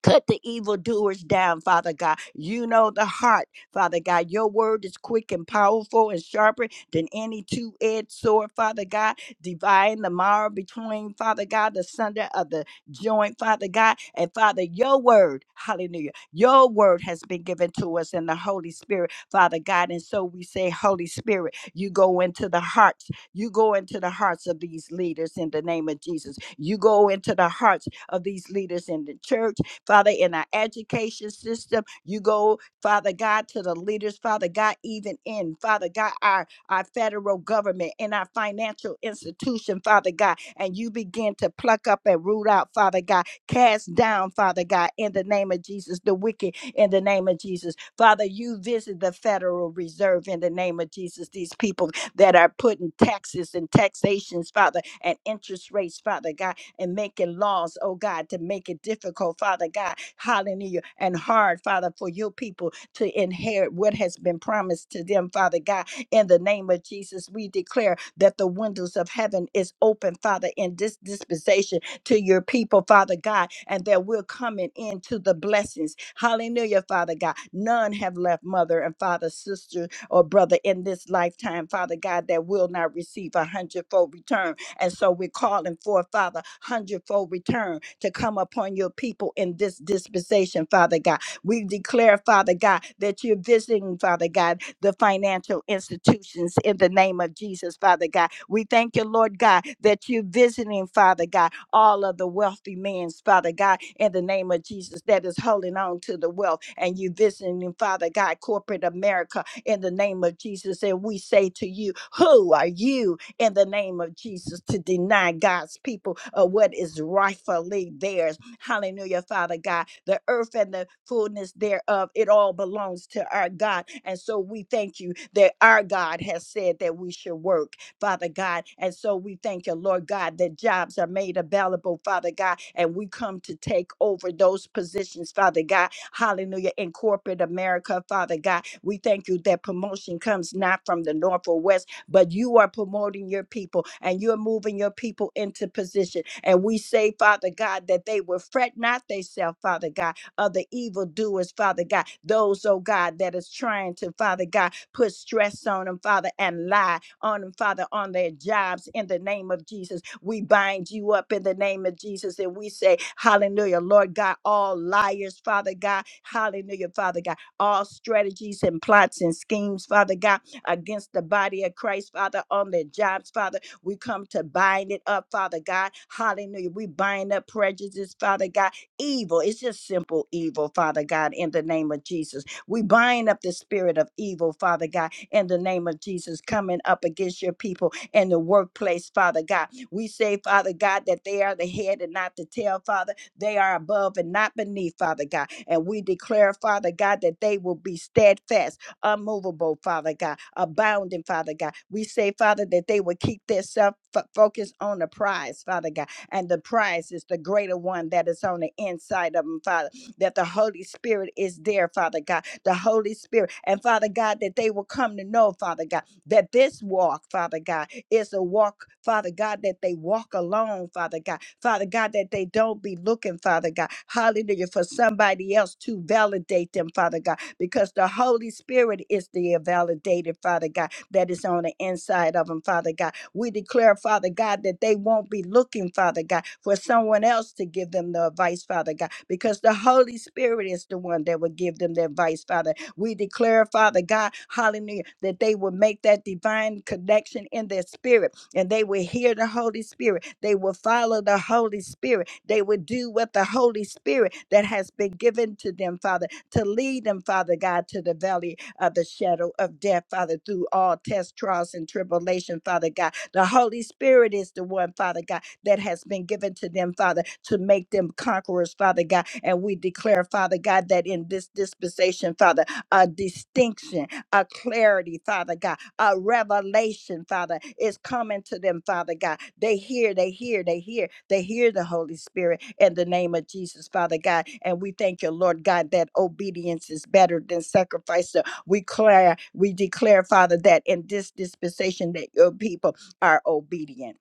Speaker 3: Cut the evildoers down, Father God. You know the heart, Father God. Your word is quick and powerful and sharper than any two edged sword, Father God. Dividing the marrow between, Father God, the sunder of the joint, Father God. And Father, your word, hallelujah, your word has been given to us in the Holy Spirit, Father God. And so we say, Holy Spirit, you go into the hearts, you go into the hearts of these leaders in the name of Jesus. You go into the hearts of these leaders in the church Father, in our education system. You go, Father God, to the leaders, Father God, even in, Father God, our, our federal government, in our financial institution, Father God, and you begin to pluck up and root out, Father God, cast down, Father God, in the name of Jesus, the wicked, in the name of Jesus. Father, you visit the Federal Reserve in the name of Jesus, these people that are putting taxes and taxations, Father, and interest rates, Father God and making laws, oh God, to make it difficult, Father God, hallelujah, and hard, Father, for your people to inherit what has been promised to them, Father God. In the name of Jesus, we declare that the windows of heaven is open, Father, in this dispensation to your people, Father God, and that we're coming into the blessings. Hallelujah, Father God. None have left mother and father, sister or brother in this lifetime, Father God, that will not receive a hundredfold return. And so we're calling for, Father, hundredfold return to come upon your people in this dispensation, Father God. We declare, Father God, that you're visiting, Father God, the financial institutions in the name of Jesus, Father God. We thank you, Lord God, that you're visiting, Father God, all of the wealthy men's, Father God, in the name of Jesus, that is holding on to the wealth. And you visiting, Father God, corporate America in the name of Jesus. And we say to you, Who are you? in the name of Jesus to deny God's people uh, what is rightfully theirs. Hallelujah, Father God. The earth and the fullness thereof, it all belongs to our God. And so we thank you that our God has said that we should work, Father God. And so we thank you, Lord God, that jobs are made available, Father God. And we come to take over those positions, Father God. Hallelujah. In corporate America, Father God, we thank you that promotion comes not from the north or west but you are promoting your people and you're moving your people into position. And we say, Father God, that they will fret not themselves, Father God, of the evildoers, Father God, those, oh God, that is trying to, Father God, put stress on them, Father, and lie on them, Father, on their jobs in the name of Jesus. We bind you up in the name of Jesus and we say, Hallelujah, Lord God, all liars, Father God, Hallelujah, Father God, all strategies and plots and schemes, Father God against the body of Christ, Father, on their jobs, Father. We come to bind it up, Father God. Hallelujah. We bind up prejudice, Father God. Evil, it's just simple evil, Father God, in the name of Jesus. We bind up the spirit of evil, Father God, in the name of Jesus, coming up against your people in the workplace, Father God. We say, Father God, that they are the head and not the tail, Father. They are above and not beneath, Father God. And we declare, Father God, that they will be steadfast unmovable, Father God, abounding, Father God. We say, Father, that they would keep their self fo- focused on the prize, Father God. And the prize is the greater one that is on the inside of them, Father. That the Holy Spirit is there, Father God. The Holy Spirit. And Father God, that they will come to know, Father God that this walk, Father God, is a walk, Father God, that they walk alone, Father God. Father God, that they don't be looking, Father God, hallelujah, for somebody else to validate them, Father God, because the Holy Spirit is the validated, Father God, that is on the inside of them, Father God. We declare, Father God, that they won't be looking, Father God, for someone else to give them the advice, Father God, because the Holy Spirit is the one that will give them the advice, Father we declare, Father God, hallelujah, that they will make that divine connection in their spirit and they will hear the Holy Spirit. They will follow the Holy Spirit. They will do what the Holy Spirit that has been given to them, Father, to lead them, Father God, to the valley of the shadow of death, Father, through all tests, trials, and tribulation, Father God. The Holy Spirit is the one, Father God, that has been given to them, Father, to make them conquerors, Father God. And we declare, Father God, that in this dispensation, Father, a distinction, a clarity, Father God, a revelation, Father, is coming to them, Father God. They hear, they hear, they hear, they hear the Holy Spirit in the name of Jesus, Father God. And we thank you, Lord God, that obedience is better than sacrifice. So we declare, we declare, Father, that in this dispensation that your people are obedient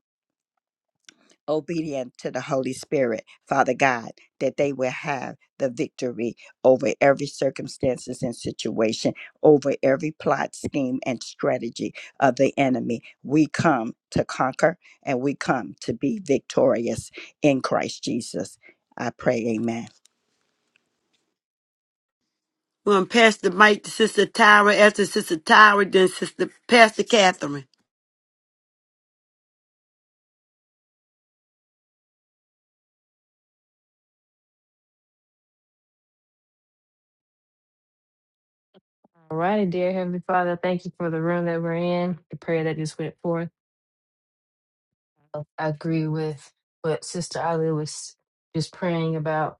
Speaker 3: obedient to the Holy Spirit, Father God, that they will have the victory over every circumstances and situation, over every plot, scheme, and strategy of the enemy. We come to conquer and we come to be victorious in Christ Jesus. I pray, amen.
Speaker 1: we're going to pass the mic to Sister Tyra. After Sister Tyra, then Sister Pastor Catherine.
Speaker 4: All righty, dear Heavenly Father, thank you for the room that we're in, the prayer that just went forth. I agree with what Sister Ali was just praying about.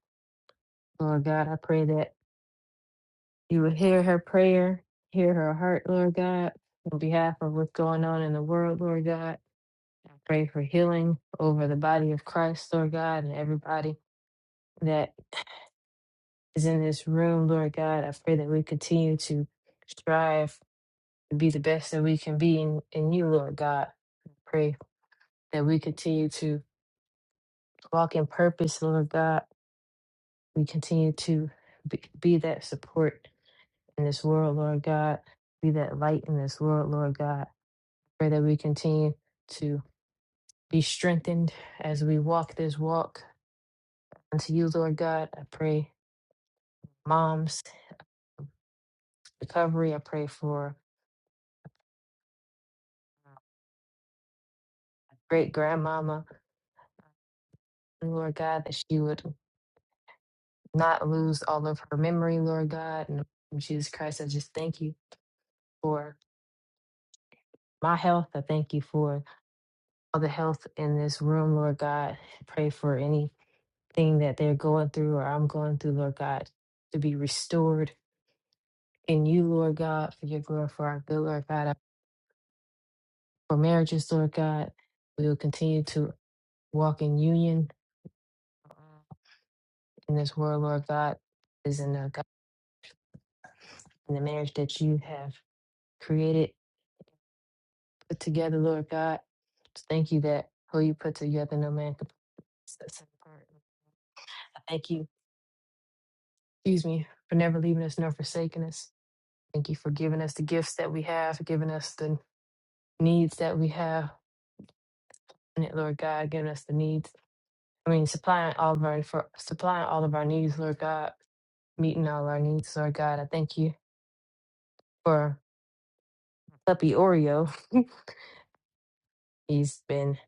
Speaker 4: Lord God, I pray that you would hear her prayer, hear her heart, Lord God, on behalf of what's going on in the world, Lord God. I pray for healing over the body of Christ, Lord God, and everybody that is in this room, Lord God. I pray that we continue to strive to be the best that we can be in, in you, Lord God. Pray. that we continue to walk in purpose, Lord God. We continue to be, be that support in this world, Lord God. Be that light in this world, Lord God. Pray that we continue to be strengthened as we walk this walk unto you, Lord God. I pray mom's recovery. I pray for great grandmama, Lord God, that she would not lose all of her memory, Lord God. And Jesus Christ, I just thank you for my health. I thank you for all the health in this room, Lord God. Pray for anything that they're going through or I'm going through, Lord God, to be restored in you, Lord God, for your glory, for our good, Lord God, for marriages, Lord God. We will continue to walk in union in this world, Lord God, is in the, God, in the marriage that you have created, put together, Lord God. Just Thank you that who you put together, no man can put us apart. I thank you, excuse me, for never leaving us nor forsaking us. Thank you for giving us the gifts that we have, for giving us the needs that we have. And it, Lord God, giving us the needs. I mean, supplying all of our for supplying all of our needs, Lord God, meeting all our needs, Lord God. I thank you for puppy Oreo. He's been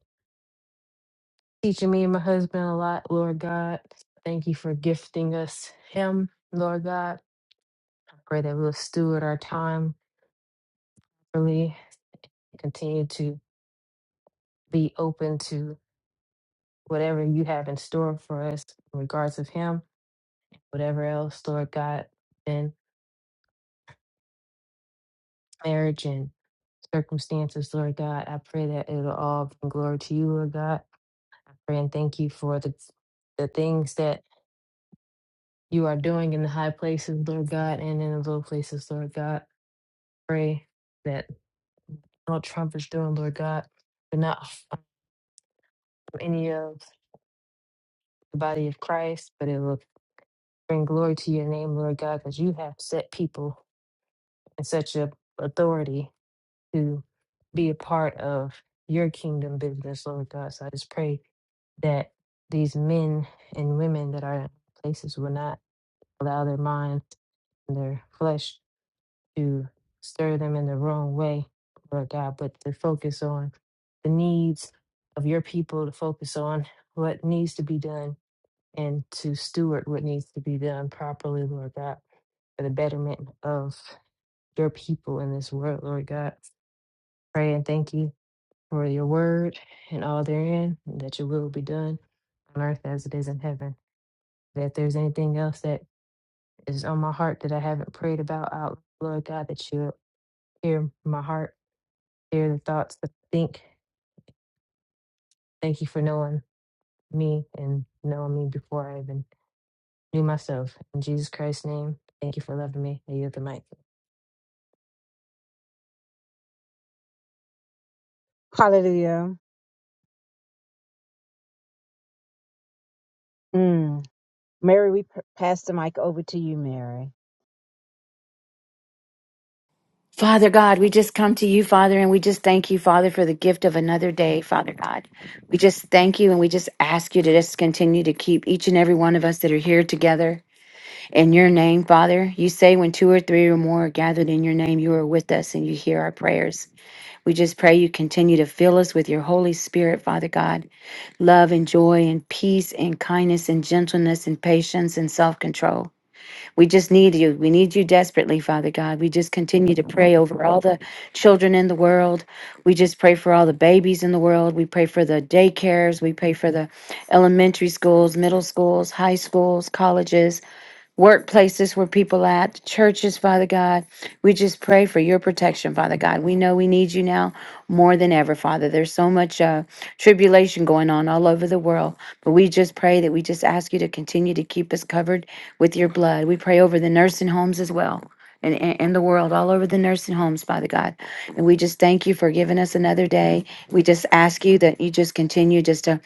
Speaker 4: teaching me and my husband a lot, Lord God. Thank you for gifting us him, Lord God. I pray that we'll steward our time really, continue to be open to whatever you have in store for us in regards of him whatever else, Lord God, and marriage and circumstances, Lord God. I pray that it'll all bring glory to you, Lord God. I pray and thank you for the the things that you are doing in the high places, Lord God, and in the low places, Lord God. Pray that what Trump is doing, Lord God, but not harm any of the body of Christ, but it will bring glory to your name, Lord God, because you have set people in such a authority to be a part of your kingdom business, Lord God. So I just pray that these men and women that are in places will not allow their minds and their flesh to stir them in the wrong way, Lord God, but to focus on the needs of your people, to focus on what needs to be done and to steward what needs to be done properly, Lord God, for the betterment of your people in this world, Lord God. Pray and thank you for your word and all therein, and that your will be done on earth as it is in heaven. That if there's anything else that is on my heart that I haven't prayed about out, Lord God, that you hear my heart, hear the thoughts that I think. Thank you for knowing me and knowing me before I even knew myself. In Jesus Christ's name, thank you for loving me. I yield the mic.
Speaker 2: Hallelujah. Mm. Mary, we p- pass the mic over to you, Mary.
Speaker 5: Father God, we just come to you, Father, and we just thank you, Father, for the gift of another day, Father God. We just thank you and we just ask you to just continue to keep each and every one of us that are here together in your name, Father. You say when two or three or more are gathered in your name, you are with us and you hear our prayers. We just pray you continue to fill us with your Holy Spirit, Father God. Love and joy and peace and kindness and gentleness and patience and self control. We just need you. We need you desperately, Father God. We just continue to pray over all the children in the world. We just pray for all the babies in the world. We pray for the daycares. We pray for the elementary schools, middle schools, high schools, colleges workplaces where people at, churches, Father God. We just pray for your protection, Father God. We know we need you now more than ever, Father. There's so much uh, tribulation going on all over the world, but we just pray that we just ask you to continue to keep us covered with your blood. We pray over the nursing homes as well and in, the world, all over the nursing homes, Father God. And we just thank you for giving us another day. We just ask you that you just continue just to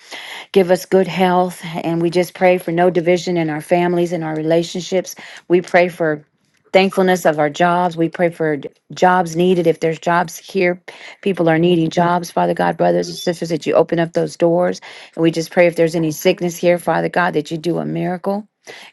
Speaker 5: give us good health. And we just pray for no division in our families and our relationships. We pray for thankfulness of our jobs. We pray for d- jobs needed. If there's jobs here, people are needing jobs, Father God, brothers and sisters, that you open up those doors. And we just pray if there's any sickness here, Father God, that you do a miracle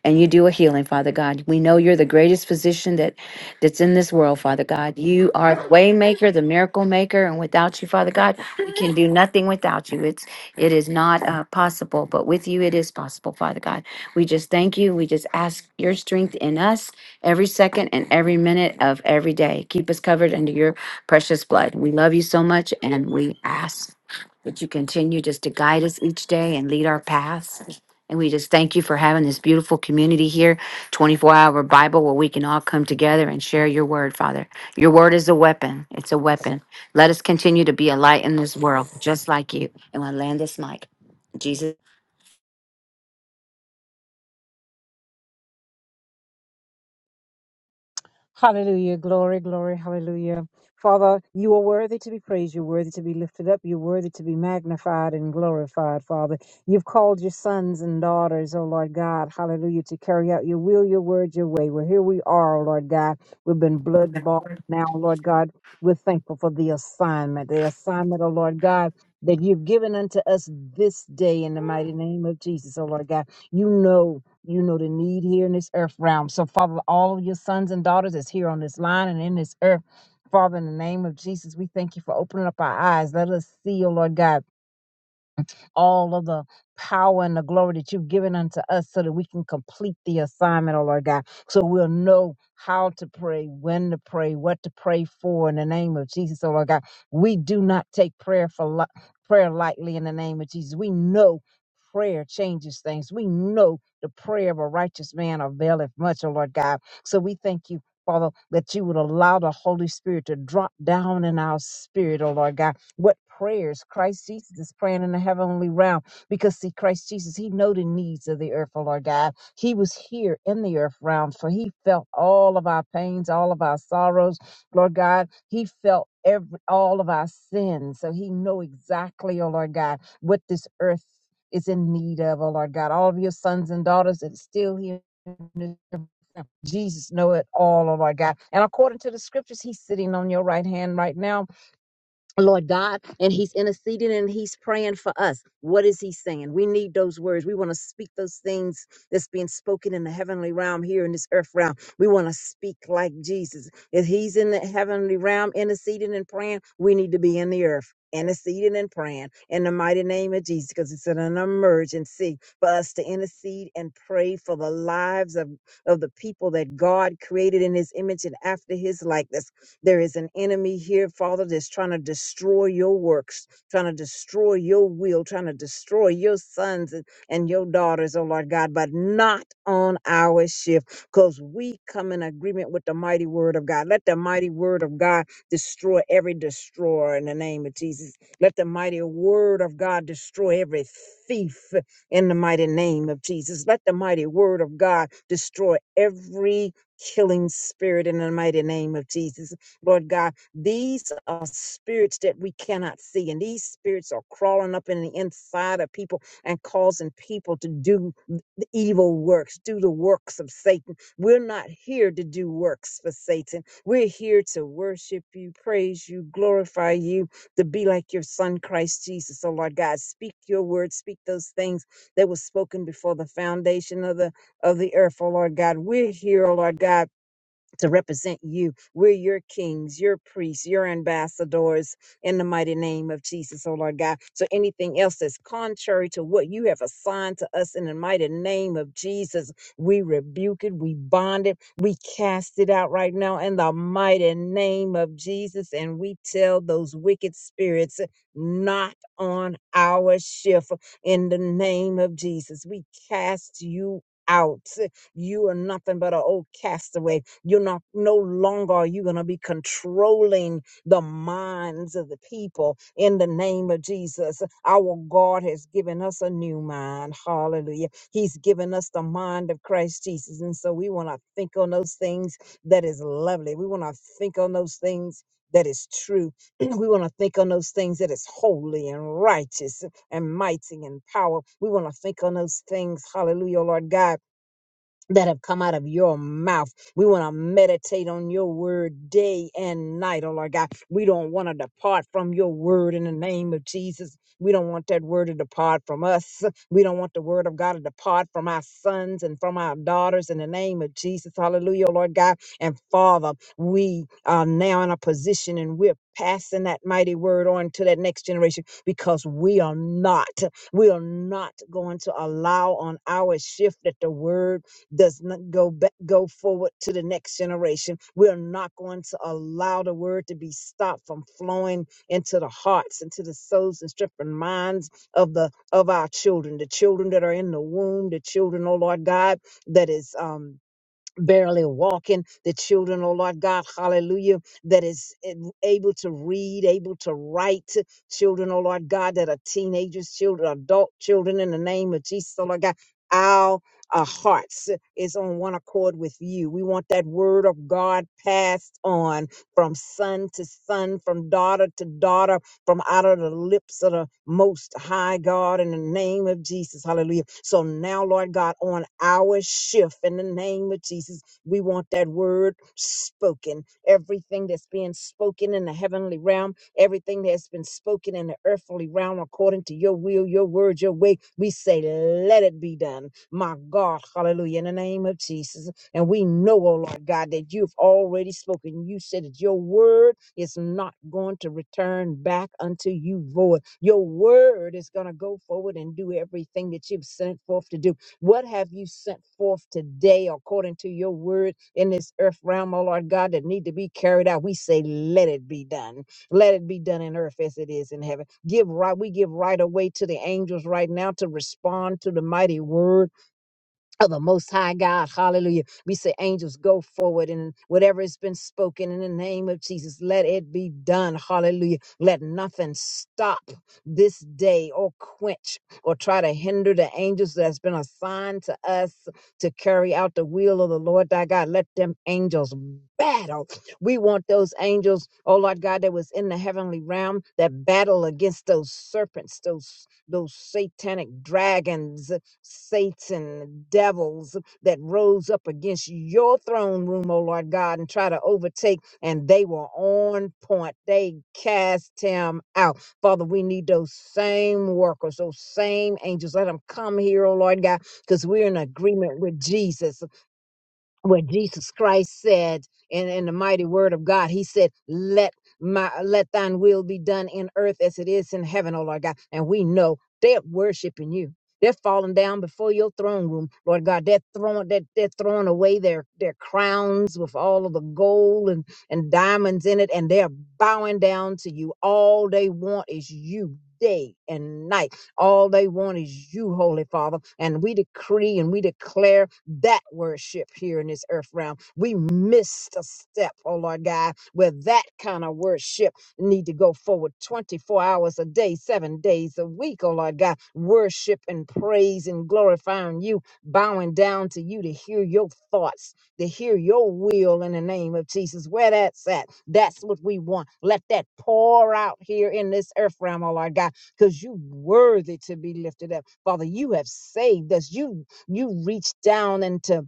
Speaker 5: and you do a healing, Father God. We know you're the greatest physician that that's in this world, Father God. You are the way maker, the miracle maker, and without you, Father God, we can do nothing without you. It's it is not uh, possible, but with you it is possible, Father God. We just thank you. We just ask your strength in us every second and every minute of every day. Keep us covered under your precious blood. We love you so much and we ask that you continue just to guide us each day and lead our paths. And we just thank you for having this beautiful community here, 24 hour Bible where we can all come together and share your word, Father. Your word is a weapon. It's a weapon. Let us continue to be a light in this world, just like you. And I land this mic. In Jesus.
Speaker 2: Hallelujah. Glory, glory, hallelujah. Father, you are worthy to be praised. You're worthy to be lifted up. You're worthy to be magnified and glorified, Father. You've called your sons and daughters, oh Lord God, hallelujah, to carry out your will, your word, your way. Well, here we are, oh Lord God. We've been blood bought now, Lord God. We're thankful for the assignment, the assignment, oh Lord God, that you've given unto us this day in the mighty name of Jesus, oh Lord God. You know. You know the need here in this earth realm. So, Father, all of your sons and daughters that's here on this line and in this earth, Father, in the name of Jesus, we thank you for opening up our eyes. Let us see, oh Lord God all of the power and the glory that you've given unto us so that we can complete the assignment, oh Lord God. So we'll know how to pray, when to pray, what to pray for in the name of Jesus, oh Lord God. We do not take prayer for li- prayer lightly in the name of Jesus. We know prayer changes things. We know the prayer of a righteous man availeth much, oh Lord God. So we thank you. Father, that you would allow the Holy Spirit to drop down in our spirit, oh Lord God what prayers Christ Jesus is praying in the heavenly realm. Because see, Christ Jesus, he know the needs of the earth, oh Lord God. He was here in the earth realm, for he felt all of our pains, all of our sorrows, Lord God. He felt every all of our sins. So he know exactly, oh Lord God, what this earth is in need of, oh Lord God. All of your sons and daughters that are still here in this earth Jesus know it all, oh Lord God. And according to the scriptures, He's sitting on your right hand right now Lord God, and He's interceding and He's praying for us. What is He saying? We need those words. We want to speak those things that's being spoken in the heavenly realm here in this earth realm. We want to speak like Jesus. If He's in the heavenly realm interceding and praying, we need to be in the earth. Interceding and praying in the mighty name of Jesus, because it's an emergency for us to intercede and pray for the lives of, of the people that God created in His image and after His likeness there is an enemy here, Father, that's trying to destroy your works, trying to destroy your will, trying to destroy your sons and, and your daughters, oh Lord God, but not on our shift because we come in agreement with the mighty word of God. Let the mighty word of God destroy every destroyer in the name of Jesus. Let the mighty word of God destroy every thief in the mighty name of Jesus. Let the mighty word of God destroy every killing spirit in the mighty name of Jesus. Lord God, these are spirits that we cannot see, and these spirits are crawling up in the inside of people and causing people to do the evil works, do the works of Satan. We're not here to do works for Satan. We're here to worship you, praise you, glorify you, to be like your son, Christ Jesus. Oh, Lord God, speak your word, speak those things that were spoken before the foundation of the, of the earth. Oh, Lord God, we're here, oh, Lord God to represent you. We're your kings, your priests, your ambassadors in the mighty name of Jesus, oh Lord God. So anything else that's contrary to what you have assigned to us in the mighty name of Jesus, we rebuke it, we bond it, we cast it out right now in the mighty name of Jesus. And we tell those wicked spirits, not on our shift in the name of Jesus. We cast you out. You are nothing but an old castaway you're not no longer are you going to be controlling the minds of the people in the name of Jesus. Our God has given us a new mind. Hallelujah. He's given us the mind of Christ Jesus. And so we want to think on those things that is lovely. We want to think on those things that is true. we want to think on those things that is holy and righteous and mighty and power. We want to think on those things, hallelujah, Lord God, that have come out of your mouth. We want to meditate on your word day and night, oh Lord God. We don't want to depart from your word in the name of Jesus. We don't want that word to depart from us. We don't want the word of God to depart from our sons and from our daughters in the name of Jesus. Hallelujah, oh Lord God. And Father, we are now in a position and we're passing that mighty word on to that next generation because we are not, we are not going to allow on our shift that the word does not go back, go forward to the next generation. We're not going to allow the word to be stopped from flowing into the hearts, into the souls, and strength and minds of the of our children, the children that are in the womb, the children, oh Lord God, that is um barely walking, the children, oh Lord God, hallelujah, that is ab- able to read, able to write, children, oh Lord God, that are teenagers, children, adult children, in the name of Jesus, oh Lord God. Our uh, hearts is on one accord with you. We want that word of God passed on from son to son, from daughter to daughter, from out of the lips of the most high God in the name of Jesus. Hallelujah. So now, Lord God, on our shift in the name of Jesus, we want that word spoken. Everything that's being spoken in the heavenly realm, everything that's been spoken in the earthly realm according to your will, your word, your way, we say, let it be done. My God, hallelujah, in the name of Jesus. And we know, oh Lord God, that you've already spoken. You said that your word is not going to return back unto you void. Your word is going to go forward and do everything that you've sent forth to do. What have you sent forth today according to your word in this earth realm, oh Lord God, that need to be carried out? We say, let it be done. Let it be done in earth as it is in heaven. Give right, we give right away to the angels right now to respond to the mighty word of the Most High God. Hallelujah. We say, angels, go forward, and whatever has been spoken in the name of Jesus, let it be done. Hallelujah. Let nothing stop this day or quench or try to hinder the angels that's been assigned to us to carry out the will of the Lord thy God. Let them angels battle. We want those angels, oh Lord God, that was in the heavenly realm that battle against those serpents, those those satanic dragons Satan, devils that rose up against your throne room, oh Lord God, and try to overtake, and they were on point. They cast him out. Father, we need those same workers, those same angels. Let them come here, oh Lord God, because we're in agreement with Jesus where Jesus Christ said in, in the mighty word of God, he said, Let my let thine will be done in earth as it is in heaven, O Lord God. And we know they're worshiping you. They're falling down before your throne room, Lord God. They're throwing that they're throwing away their, their crowns with all of the gold and, and diamonds in it, and they're bowing down to you. All they want is you day and night. All they want is you, Holy Father. And we decree and we declare that worship here in this earth realm. We missed a step, oh Lord God, where that kind of worship need to go forward 24 hours a day, seven days a week, oh Lord God. Worship and praise and glorifying you, bowing down to you to hear your thoughts to hear your will in the name of Jesus. Where that's at, that's what we want. Let that pour out here in this earth realm, oh Lord God because you worthy to be lifted up. Father, you have saved us. You you reached down into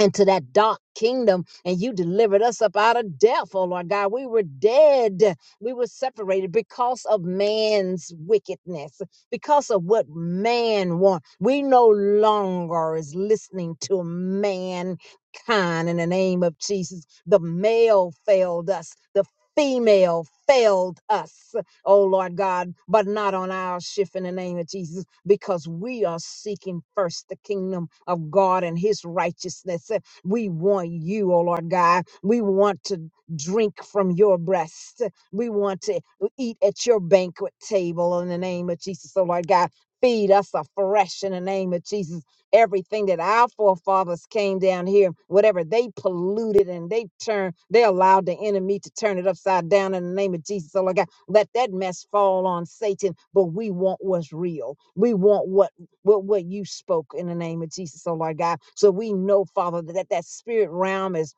Speaker 2: into that dark kingdom and you delivered us up out of death, oh Lord God. We were dead. We were separated because of man's wickedness, because of what man wants. We no longer is listening to mankind in the name of Jesus. The male failed us. The female failed us oh Lord God, but not on our shift in the name of Jesus, because we are seeking first the kingdom of God and his righteousness. Uh, We want you, oh Lord God. We want to drink from your breast. We want to eat at your banquet table in the name of Jesus, oh Lord God. Feed us afresh in the name of Jesus. Everything that our forefathers came down here, whatever they polluted and they turned, they allowed the enemy to turn it upside down in the name of Jesus, oh Lord God. Let that mess fall on Satan. But we want what's real. We want what what what you spoke in the name of Jesus, oh Lord God. So we know, Father, that that that spirit realm is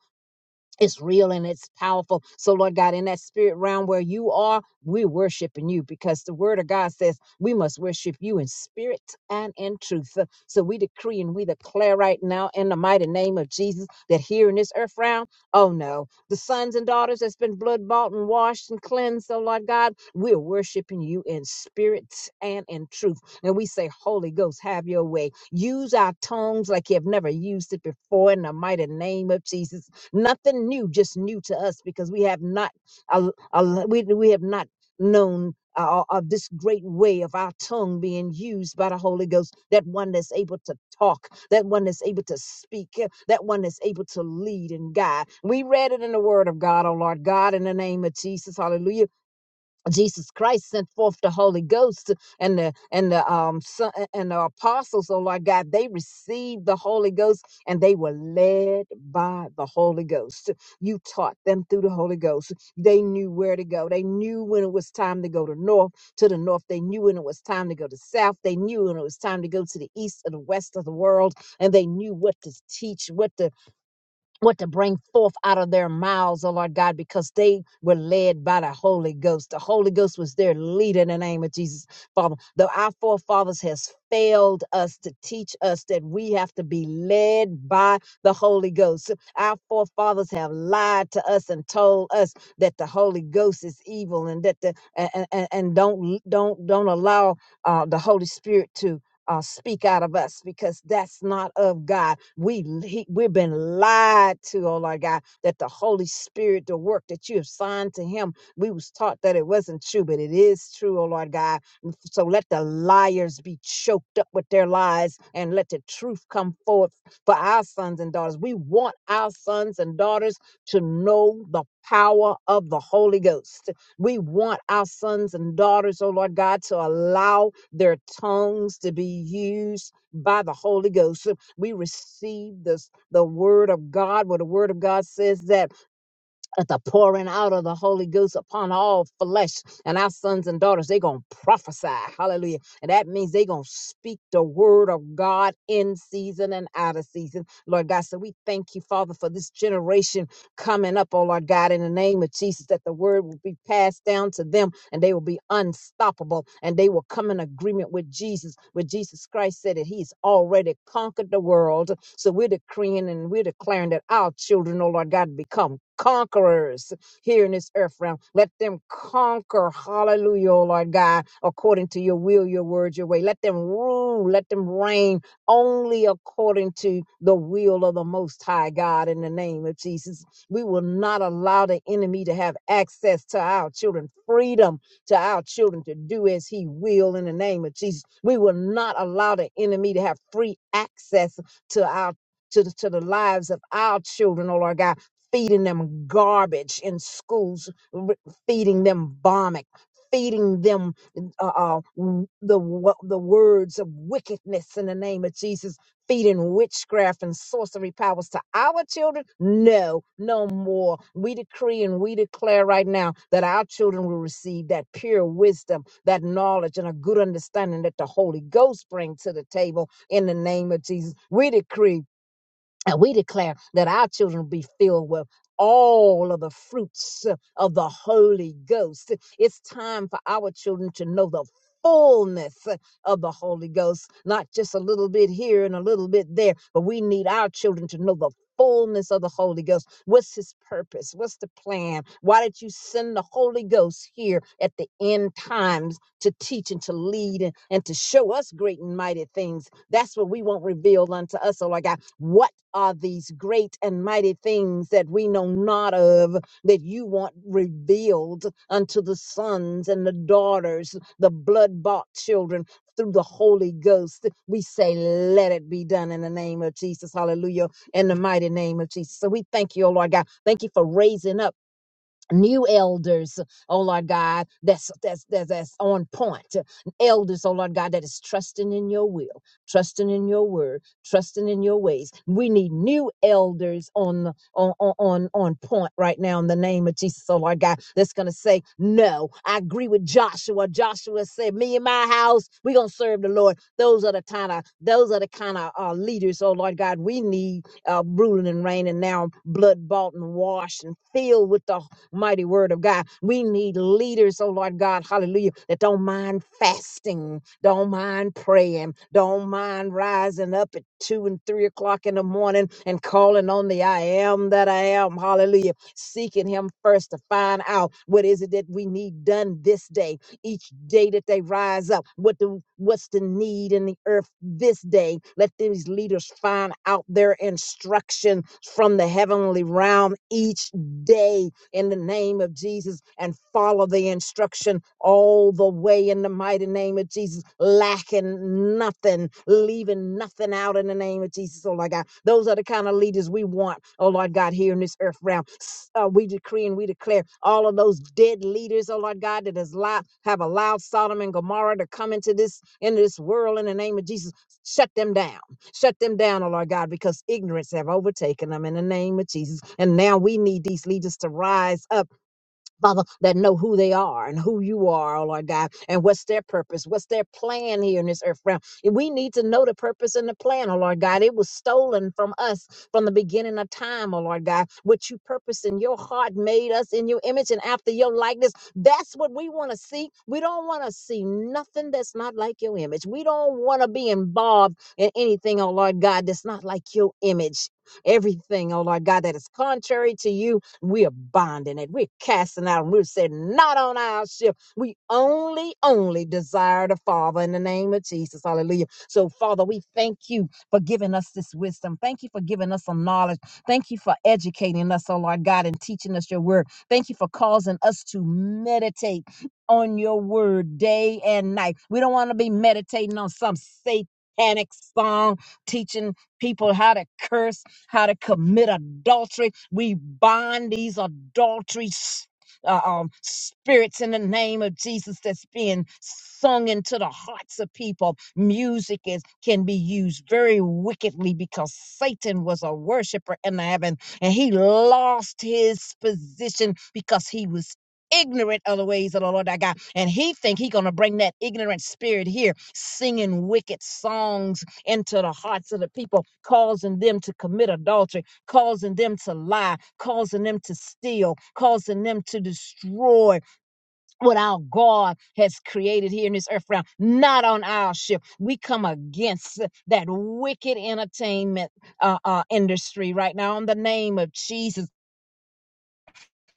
Speaker 2: it's real and it's powerful. So, Lord God, in that spirit realm where you are, we're worshiping you because the word of God says we must worship you in spirit and in truth. Uh, So, we decree and we declare right now in the mighty name of Jesus that here in this earth realm, oh no, the sons and daughters that's been blood bought and washed and cleansed, so Lord God, we're worshiping you in spirit and in truth. And we say, Holy Ghost, have your way. Use our tongues like you have never used it before in the mighty name of Jesus. Nothing new, just new to us because we have not al- al- we, we have not known uh, of this great way of our tongue being used by the Holy Ghost, that one that's able to talk, that one that's able to speak, uh, that one that's able to lead and guide. We read it in the Word of God, oh Lord God, in the name of Jesus, hallelujah Jesus Christ sent forth the Holy Ghost and the and the um son, and the apostles, oh Lord God, they received the Holy Ghost and they were led by the Holy Ghost. You taught them through the Holy Ghost. They knew where to go. They knew when it was time to go to north, to the north. They knew when it was time to go to south. They knew when it was time to go to the east or the west of the world, and they knew what to teach, what to what to bring forth out of their mouths, oh Lord God, because they were led by the Holy Ghost. The Holy Ghost was their leader in the name of Jesus, Father. Though our forefathers has failed us to teach us that we have to be led by the Holy Ghost. Our forefathers have lied to us and told us that the Holy Ghost is evil and that the and and, and don't don't don't allow uh, the Holy Spirit to uh, speak out of us because that's not of God. We he, we've been lied to, oh Lord God, that the Holy Spirit, the work that you have signed to Him, we was taught that it wasn't true, but it is true, oh Lord God. And f- So let the liars be choked up with their lies, and let the truth come forth for our sons and daughters. We want our sons and daughters to know the power of the Holy Ghost. We want our sons and daughters, oh Lord God, to allow their tongues to be used by the Holy Ghost. So We receive this the word of God, where the word of God says that at the pouring out of the Holy Ghost upon all flesh. And our sons and daughters, they're going to prophesy. Hallelujah. And that means they're going to speak the word of God in season and out of season. Lord God, so we thank you, Father, for this generation coming up, oh Lord God, in the name of Jesus, that the word will be passed down to them and they will be unstoppable and they will come in agreement with Jesus. With Jesus Christ said that he's already conquered the world so we're decreeing and we're declaring that our children, oh Lord God, become conquerors here in this earth realm. Let them conquer, hallelujah, oh Lord God, according to your will, your word, your way. Let them rule, let them reign only according to the will of the Most High God in the name of Jesus. We will not allow the enemy to have access to our children, freedom to our children to do as he will in the name of Jesus. We will not allow the enemy to have free access to our to the, to the lives of our children, oh Lord God, feeding them garbage in schools, r- feeding them vomit, feeding them uh, uh, w- the wo- the words of wickedness in the name of Jesus, feeding witchcraft and sorcery powers to our children? No, no more. We decree and we declare right now that our children will receive that pure wisdom, that knowledge, and a good understanding that the Holy Ghost brings to the table in the name of Jesus. We decree and we declare that our children will be filled with all of the fruits uh, of the Holy Ghost. It's time for our children to know the fullness uh, of the Holy Ghost, not just a little bit here and a little bit there, but we need our children to know the fullness of the Holy Ghost. What's his purpose? What's the plan? Why did you send the Holy Ghost here at the end times to teach and to lead and, and to show us great and mighty things? That's what we want revealed unto us, oh Lord God. What are these great and mighty things that we know not of that you want revealed unto the sons and the daughters, the blood bought children through the Holy Ghost. We say, let it be done in the name of Jesus. Hallelujah. In the mighty name of Jesus. So we thank you, oh Lord God. Thank you for raising up new elders, oh Lord God, that's that's that's, that's on point. Elders, oh Lord God, that is trusting in your will, trusting in your word, trusting in your ways. We need new elders on the- on on on on point right now in the name of Jesus, oh Lord God, that's gonna say, No, I agree with Joshua. Joshua said, Me and my house, we're gonna serve the Lord. Those are the kind of those are the kind of uh, leaders, oh Lord God, we need uh, ruling and reigning now, blood bought and washed and filled with the mighty word of God. We need leaders, oh Lord God, hallelujah, that don't mind fasting, don't mind praying, don't mind rising up at two and three o'clock in the morning and calling on the I am that I am, hallelujah, seeking Him first to find out what is it that we need done this day each day that they rise up what the what's the need in the earth this day let these leaders find out their instruction from the heavenly realm each day in the name of Jesus and follow the instruction all the way in the mighty name of Jesus, lacking nothing, leaving nothing out in the name of Jesus, oh Lord God. Those are the kind of leaders we want, oh Lord God, here in this earth realm. S- Uh, we decree and we declare all of those dead leaders, oh Lord God, that has lied, have allowed Sodom and Gomorrah to come into this into this world in the name of Jesus. Shut them down Shut them down, oh Lord God, because ignorance have overtaken them in the name of Jesus. And now we need these leaders to rise up Father, that know who they are and who you are, oh Lord God, and what's their purpose, what's their plan here in this earth realm. And we need to know the purpose and the plan, oh Lord God. It was stolen from us from the beginning of time, oh Lord God. What you purpose in your heart made us in your image and after your likeness. That's what we want to see. We don't want to see nothing that's not like your image. We don't want to be involved in anything, oh Lord God, that's not like your image. Everything, oh Lord God, that is contrary to you we're bonding it. We're casting out. And we're saying, not on our ship. We only, only desire the Father in the name of Jesus. Hallelujah. So, Father, we thank you for giving us this wisdom. Thank you for giving us some knowledge. Thank you for educating us, oh Lord God, and teaching us your word. Thank you for causing us to meditate on your word day and night. We don't want to be meditating on some satanic song teaching people how to curse how to commit adultery. We bind these adultery s- uh, um, spirits in the name of Jesus that's being sung into the hearts of people. Music is can be used very wickedly because Satan was a worshiper in heaven and he lost his position because he was ignorant of the ways of the Lord thy God. And he think he gonna bring that ignorant spirit here, singing wicked songs into the hearts of the people, causing them to commit adultery, causing them to lie, causing them to steal, causing them to destroy what our God has created here in this earth realm, not on our ship. We come against that wicked entertainment uh, uh, industry right now in the name of Jesus.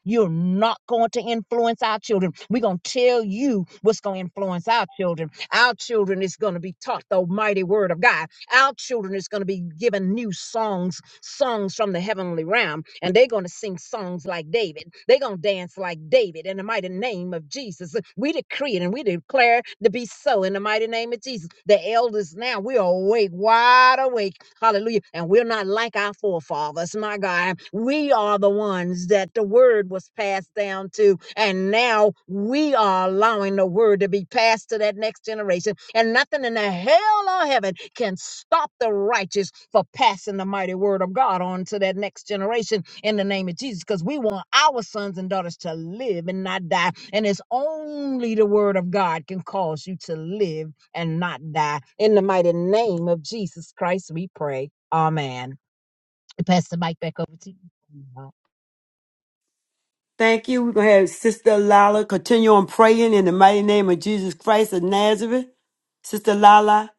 Speaker 2: You're not going to influence our children. We're going to tell you what's going to influence our children. Our children is going to be taught the mighty word of God. Our children is going to be given new songs, songs from the heavenly realm, and they're going to sing songs like David. They're going to dance like David in the mighty name of Jesus. We decree it and we declare to be so in the mighty name of Jesus. The elders now, we are awake, wide awake Hallelujah. And we're not like our forefathers, my God. We are the ones that the word was passed down to. And now we are allowing the word to be passed to that next generation. And nothing in the hell or heaven can stop the righteous for passing the mighty word of God on to that next generation in the name of Jesus because we want our sons and daughters to live and not die. And it's only the word of God can cause you to live and not die. In the mighty name of Jesus Christ, we pray. Amen. I pass the mic back over to you.
Speaker 1: Thank you. We're going to have Sister Lala continue on praying in the mighty name of Jesus Christ of Nazareth. Sister Lala.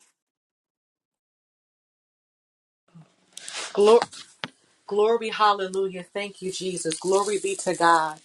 Speaker 6: Glory, glory, hallelujah. Thank you, Jesus. Glory be to God.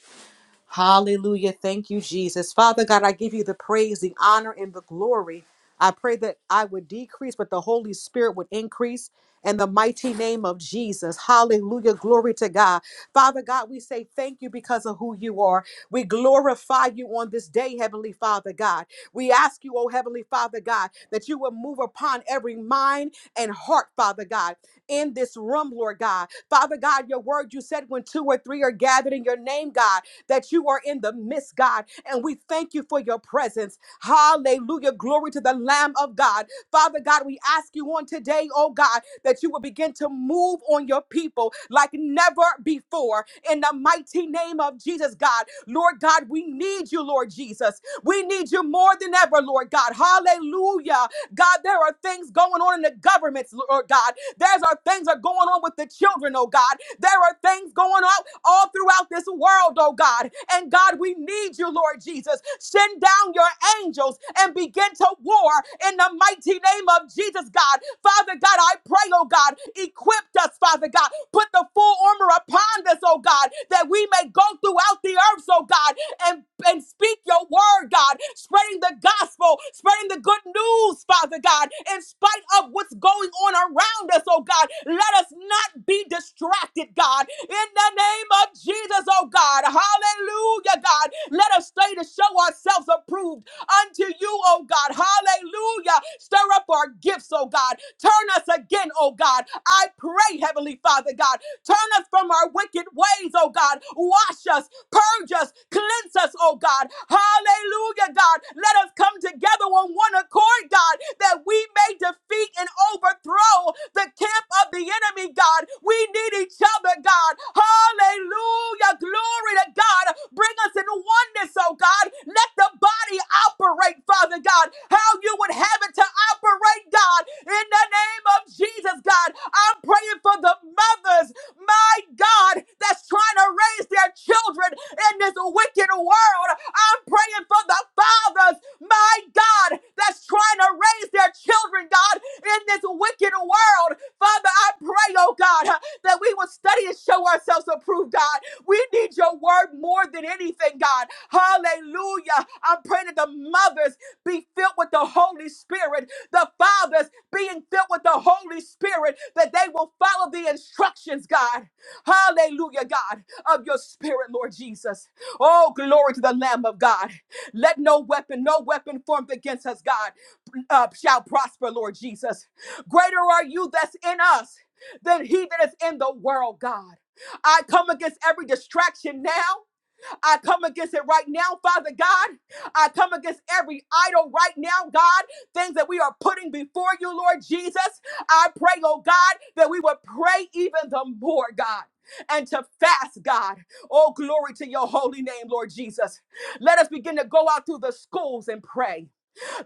Speaker 6: Hallelujah. Thank you, Jesus. Father God, I give you the praise, the honor, and the glory. I pray that I would decrease, but the Holy Spirit would increase in the mighty name of Jesus. Hallelujah. Glory to God. Father God, we say thank you because of who you are. We glorify you on this day, Heavenly Father God. We ask you, oh Heavenly Father God, that you would move upon every mind and heart, Father God in this room, Lord God. Father God, your word, you said when two or three are gathered in your name, God, that you are in the midst, God. And we thank you for your presence. Hallelujah. Glory to the Lamb of God. Father God, we ask you on today, oh God, that you will begin to move on your people like never before. In the mighty name of Jesus, God. Lord God, we need you, Lord Jesus. Jesus. We need you more than ever, Lord God. Hallelujah. God, there are things going on in the governments, Lord God. There's are things that are going on with the children, oh God. There are things going on all throughout this world, oh God. And God, we need you, Lord Jesus. Send down your angels and begin to war in the mighty name of Jesus, God. Father God, I pray, oh God, equip us Father God. Put the full armor upon us, oh God, that we may go throughout the earth, oh God, and, and speak your word, God, spreading the gospel, spreading the good news, Father God, in spite of what's going on around us, oh God. Let us not be distracted, God, in the name of Jesus, oh God. Hallelujah, God. Let us stay to show ourselves approved unto you, oh God. Hallelujah. Stir up our gifts, oh God. Turn us again, oh God. I pray, Heavenly Father God. Turn us from our wicked ways, oh God. Wash us, purge us, cleanse us, oh God. Hallelujah, God. Let us come together on one accord, God, that we may defeat and overthrow the camp of the enemy, God. We need each other, God. Hallelujah. Glory to God. Bring us in oneness, oh God. Let the body operate, Father God, how you would have it to operate, God. In the name of Jesus, God, I'm praying for the mothers my God, that's trying to raise their children in this wicked world. I'm praying for the fathers, my God, that's trying to raise their children, God, in this wicked world. Father, I pray, oh God, that we will study and show ourselves approved, God. We need your word more than anything, God. Hallelujah. I'm praying that the mothers be filled with the Holy Spirit the fathers being filled with the Holy Spirit, that they will follow the instructions, God. Hallelujah, God, of your spirit, Lord Jesus. Oh, glory to the Lamb of God. Let no weapon, no weapon formed against us, God, uh, shall prosper, Lord Jesus. Greater are you that's in us than he that is in the world, God. I come against every distraction now. I come against it right now, Father God. I come against every idol right now, God. Things that we are putting before you, Lord Jesus. I pray, oh God, that we would pray even the more, God. And to fast, God. Oh, glory to your holy name, Lord Jesus. Let us begin to go out through the schools and pray.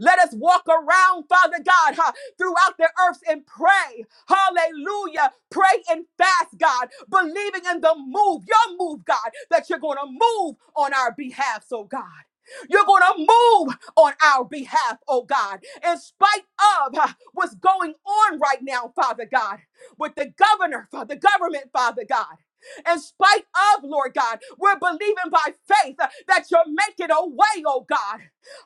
Speaker 6: Let us walk around, Father God, huh, throughout the earth and pray. Hallelujah. Pray and fast, God, believing in the move, your move, God, that you're going to move on our behalf, so God. You're going to move on our behalf, oh God, in spite of huh, what's going on right now, Father God, with the governor, the government, Father God in spite of, Lord God. We're believing by faith uh, that you're making a way, oh God.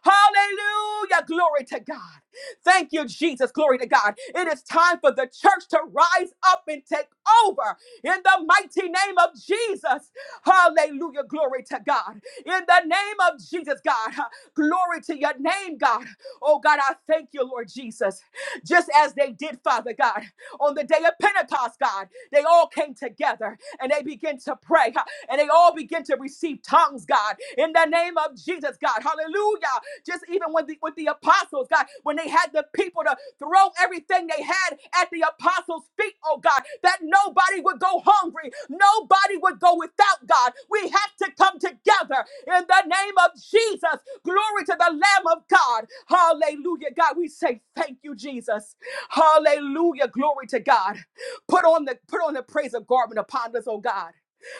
Speaker 6: Hallelujah. Glory to God. Thank you, Jesus. Glory to God. It is time for the church to rise up and take over in the mighty name of Jesus. Hallelujah. Glory to God. In the name of Jesus, God. Glory to your name, God. Oh, God, I thank you, Lord Jesus. Just as they did, Father God, on the day of Pentecost, God, they all came together and they began to pray and they all begin to receive tongues, God, in the name of Jesus, God. Hallelujah. Just even with the, with the apostles, God, when they had the people to throw everything they had at the apostles' feet, oh God, that nobody would go hungry, nobody would go without, God. We have to come together in the name of Jesus. Glory to the Lamb of God. Hallelujah, God. We say thank you, Jesus. Hallelujah. Glory to God. Put on the put on the praise of garment upon us, oh God.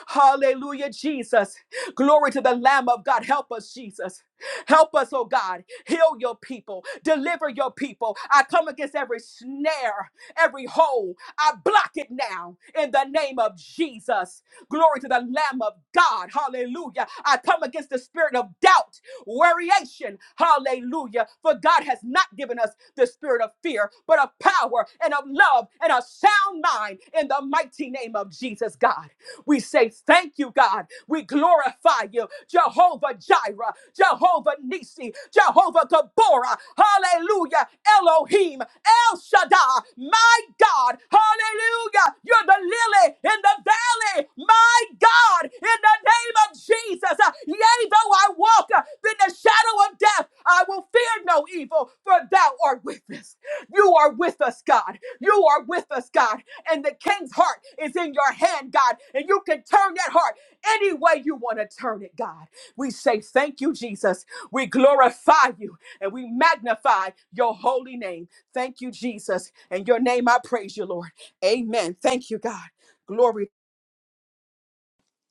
Speaker 6: Hallelujah, Jesus. Glory to the Lamb of God. Help us, Jesus. Help us, oh God. Heal your people. Deliver your people. I come against every snare, every hole. I block it now in the name of Jesus. Glory to the Lamb of God. Hallelujah. I come against the spirit of doubt, variation. Hallelujah. For God has not given us the spirit of fear, but of power and of love and a sound mind in the mighty name of Jesus, God. We say thank you, God. We glorify you, Jehovah Jireh, Jehovah. Jehovah Nisi, Jehovah Gabora, hallelujah, Elohim, El Shaddai, my God, hallelujah, you're the lily in the valley, my God, in the name of Jesus, Uh, yea, though I walk uh, in the shadow of death, I will fear no evil, for thou art with us. You are with us, God. You are with us, God. And the king's heart is in your hand, God. And you can turn that heart any way you want to turn it, God. We say thank you, Jesus. We glorify you and we magnify your holy name. Thank you, Jesus. In your name I praise you, Lord. Amen. Thank you, God. Glory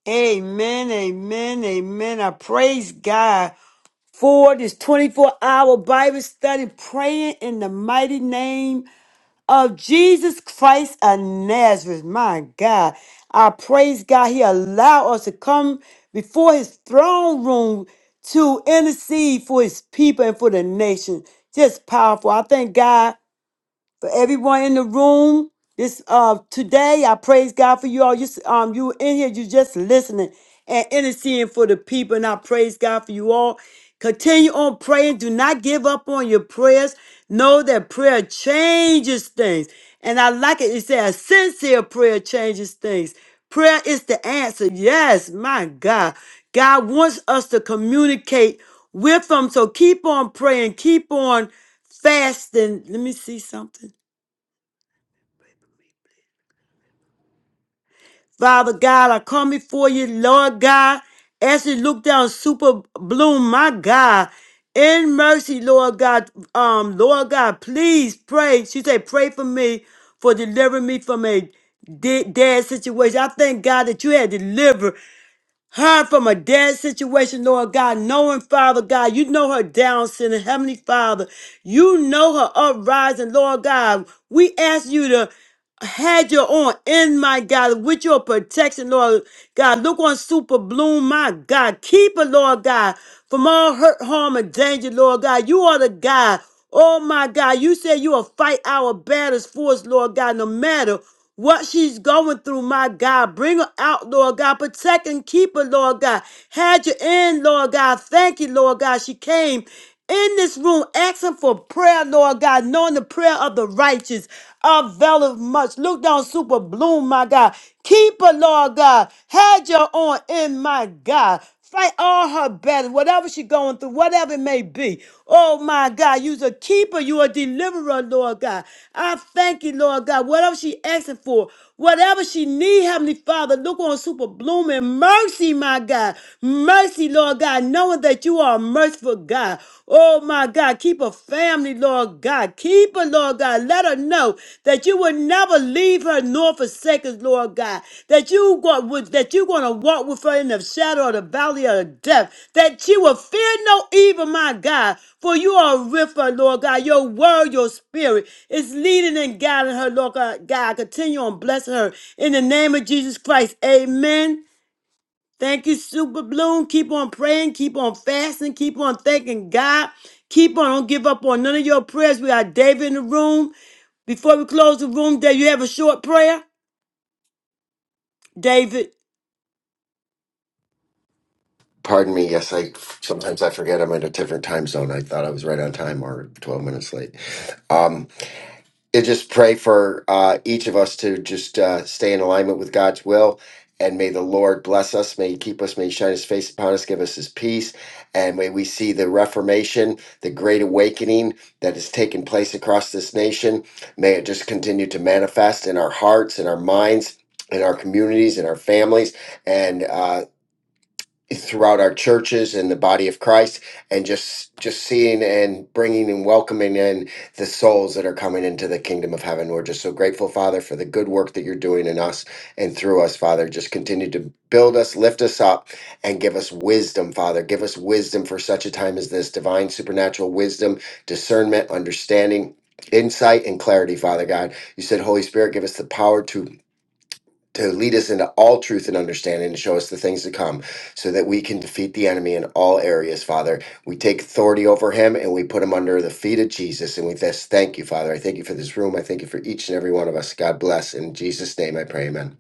Speaker 1: Amen, amen, amen. I praise God for this 24 hour Bible study, praying in the mighty name of Jesus Christ of Nazareth. My God. I praise God. He allowed us to come before his throne room to intercede for his people and for the nation. Just powerful. I thank God for everyone in the room this uh today i praise god for you all you s- um you in here you just listening and interceding for the people and i praise god for you all continue on praying do not give up on your prayers know that prayer changes things and i like it it says sincere prayer changes things prayer is the answer yes my god god wants us to communicate with him so keep on praying keep on fasting let me see something Father God, I come before you, Lord God, as you look down super bloom, my God. In mercy, Lord God, um, Lord God, please pray. She said, pray for me for delivering me from a de- dead situation. I thank God that you had delivered her from a dead situation, Lord God, knowing, Father God, you know her down sinner, Heavenly Father, you know her uprising, Lord God. We ask you to had your own in my God with your protection, Lord God. Look on Super Bloom, my God. Keep her, Lord God, from all hurt, harm, and danger, Lord God. You are the God. Oh my God, you said you will fight our battles for us, Lord God, no matter what she's going through, my God. Bring her out, Lord God. Protect and keep her, Lord God. Had you in, Lord God. Thank you, Lord God. She came in this room asking for prayer, Lord God, knowing the prayer of the righteous availeth much. Look down, super bloom, my God. Keep her, Lord God. Had your on in, my God. Fight all her battles, whatever she's going through, whatever it may be. Oh my God, you're a keeper, you a deliverer, Lord God. I thank you, Lord God. Whatever she asking for, whatever she need, Heavenly Father, look on super blooming mercy, my God. Mercy, Lord God, knowing that you are a merciful God. Oh my God, keep a family, Lord God. Keep people, Lord God. Let her know that you will never leave her nor forsake us, Lord God. That you go, with- that you're going to walk with her in the shadow of the valley of death. That she will fear no evil, my God. For you are with her, Lord God. Your word, your spirit is leading and guiding her, Lord God. God, continue on blessing her in the name of Jesus Christ. Amen. Thank you, Super Bloom. Keep on praying, keep on fasting, keep on thanking God. Keep on, don't give up on none of your prayers. We are David in the room. Before we close the room, Dave, you have a short prayer? David.
Speaker 7: Pardon me. Yes, I sometimes I forget I'm in a different time zone. I thought I was right on time or 12 minutes late. Um, yeah, just pray for uh, each of us to just uh, stay in alignment with God's will. And may the Lord bless us. May He keep us. May He shine His face upon us. Give us His peace. And may we see the Reformation, the great awakening that has taken place across this nation. May it just continue to manifest in our hearts, in our minds, in our communities, in our families. And uh, throughout our churches and the body of Christ and just just seeing and bringing and welcoming in the souls that are coming into the kingdom of heaven we're just so grateful father for the good work that you're doing in us and through us father just continue to build us lift us up and give us wisdom father give us wisdom for such a time as this divine supernatural wisdom discernment understanding insight and clarity father god you said holy spirit give us the power to to lead us into all truth and understanding to show us the things to come so that we can defeat the enemy in all areas father we take authority over him and we put him under the feet of jesus and we just thank you father i thank you for this room i thank you for each and every one of us god bless in jesus name i pray amen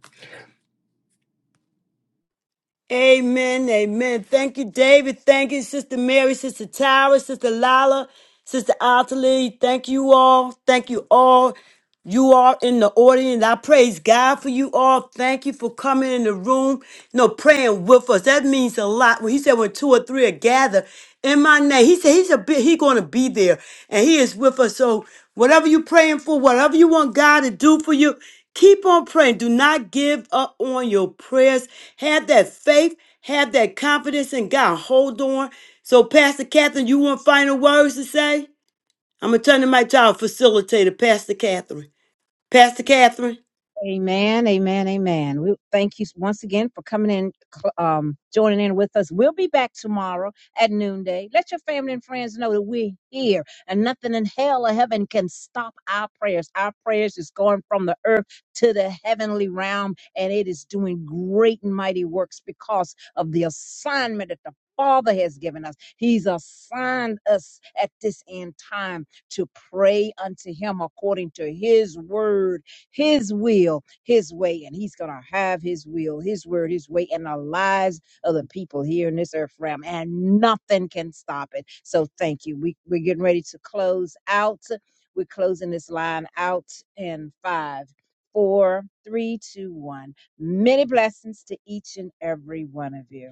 Speaker 1: Amen. Amen. Thank you, David. Thank you, Sister Mary, Sister Tara, Sister Lala, Sister Altalee. Thank you all. Thank you all. You are in the audience. I praise God for you all. Thank you for coming in the room, you know, praying with us. That means a lot. When he said when two or three are gathered in my name, he said he's a bit, he gonna be there and he is with us. So whatever you're praying for, whatever you want God to do for you, Keep on praying. Do not give up on your prayers. Have that faith. Have that confidence in God. Hold on. So, Pastor Catherine, you want final words to say? I'm going to turn the mic to our facilitator, Pastor Catherine. Pastor Catherine.
Speaker 2: Amen, amen, amen. We thank you once again for coming in, cl- um, joining in with us. We'll be back tomorrow at noonday. Let your family and friends know that we're here, and nothing in hell or heaven can stop our prayers. Our prayers is going from the earth to the heavenly realm, and it is doing great and mighty works because of the assignment that the Father has given us. He's assigned us at this end time to pray unto Him according to His word his will, his way, and he's going to have his will, his word, his way and the lives of the people here in this earth realm, and nothing can stop it. So thank you. We, we're getting ready to close out. We're closing this line out in five, four, three, two, one. Many blessings to each and every one of you.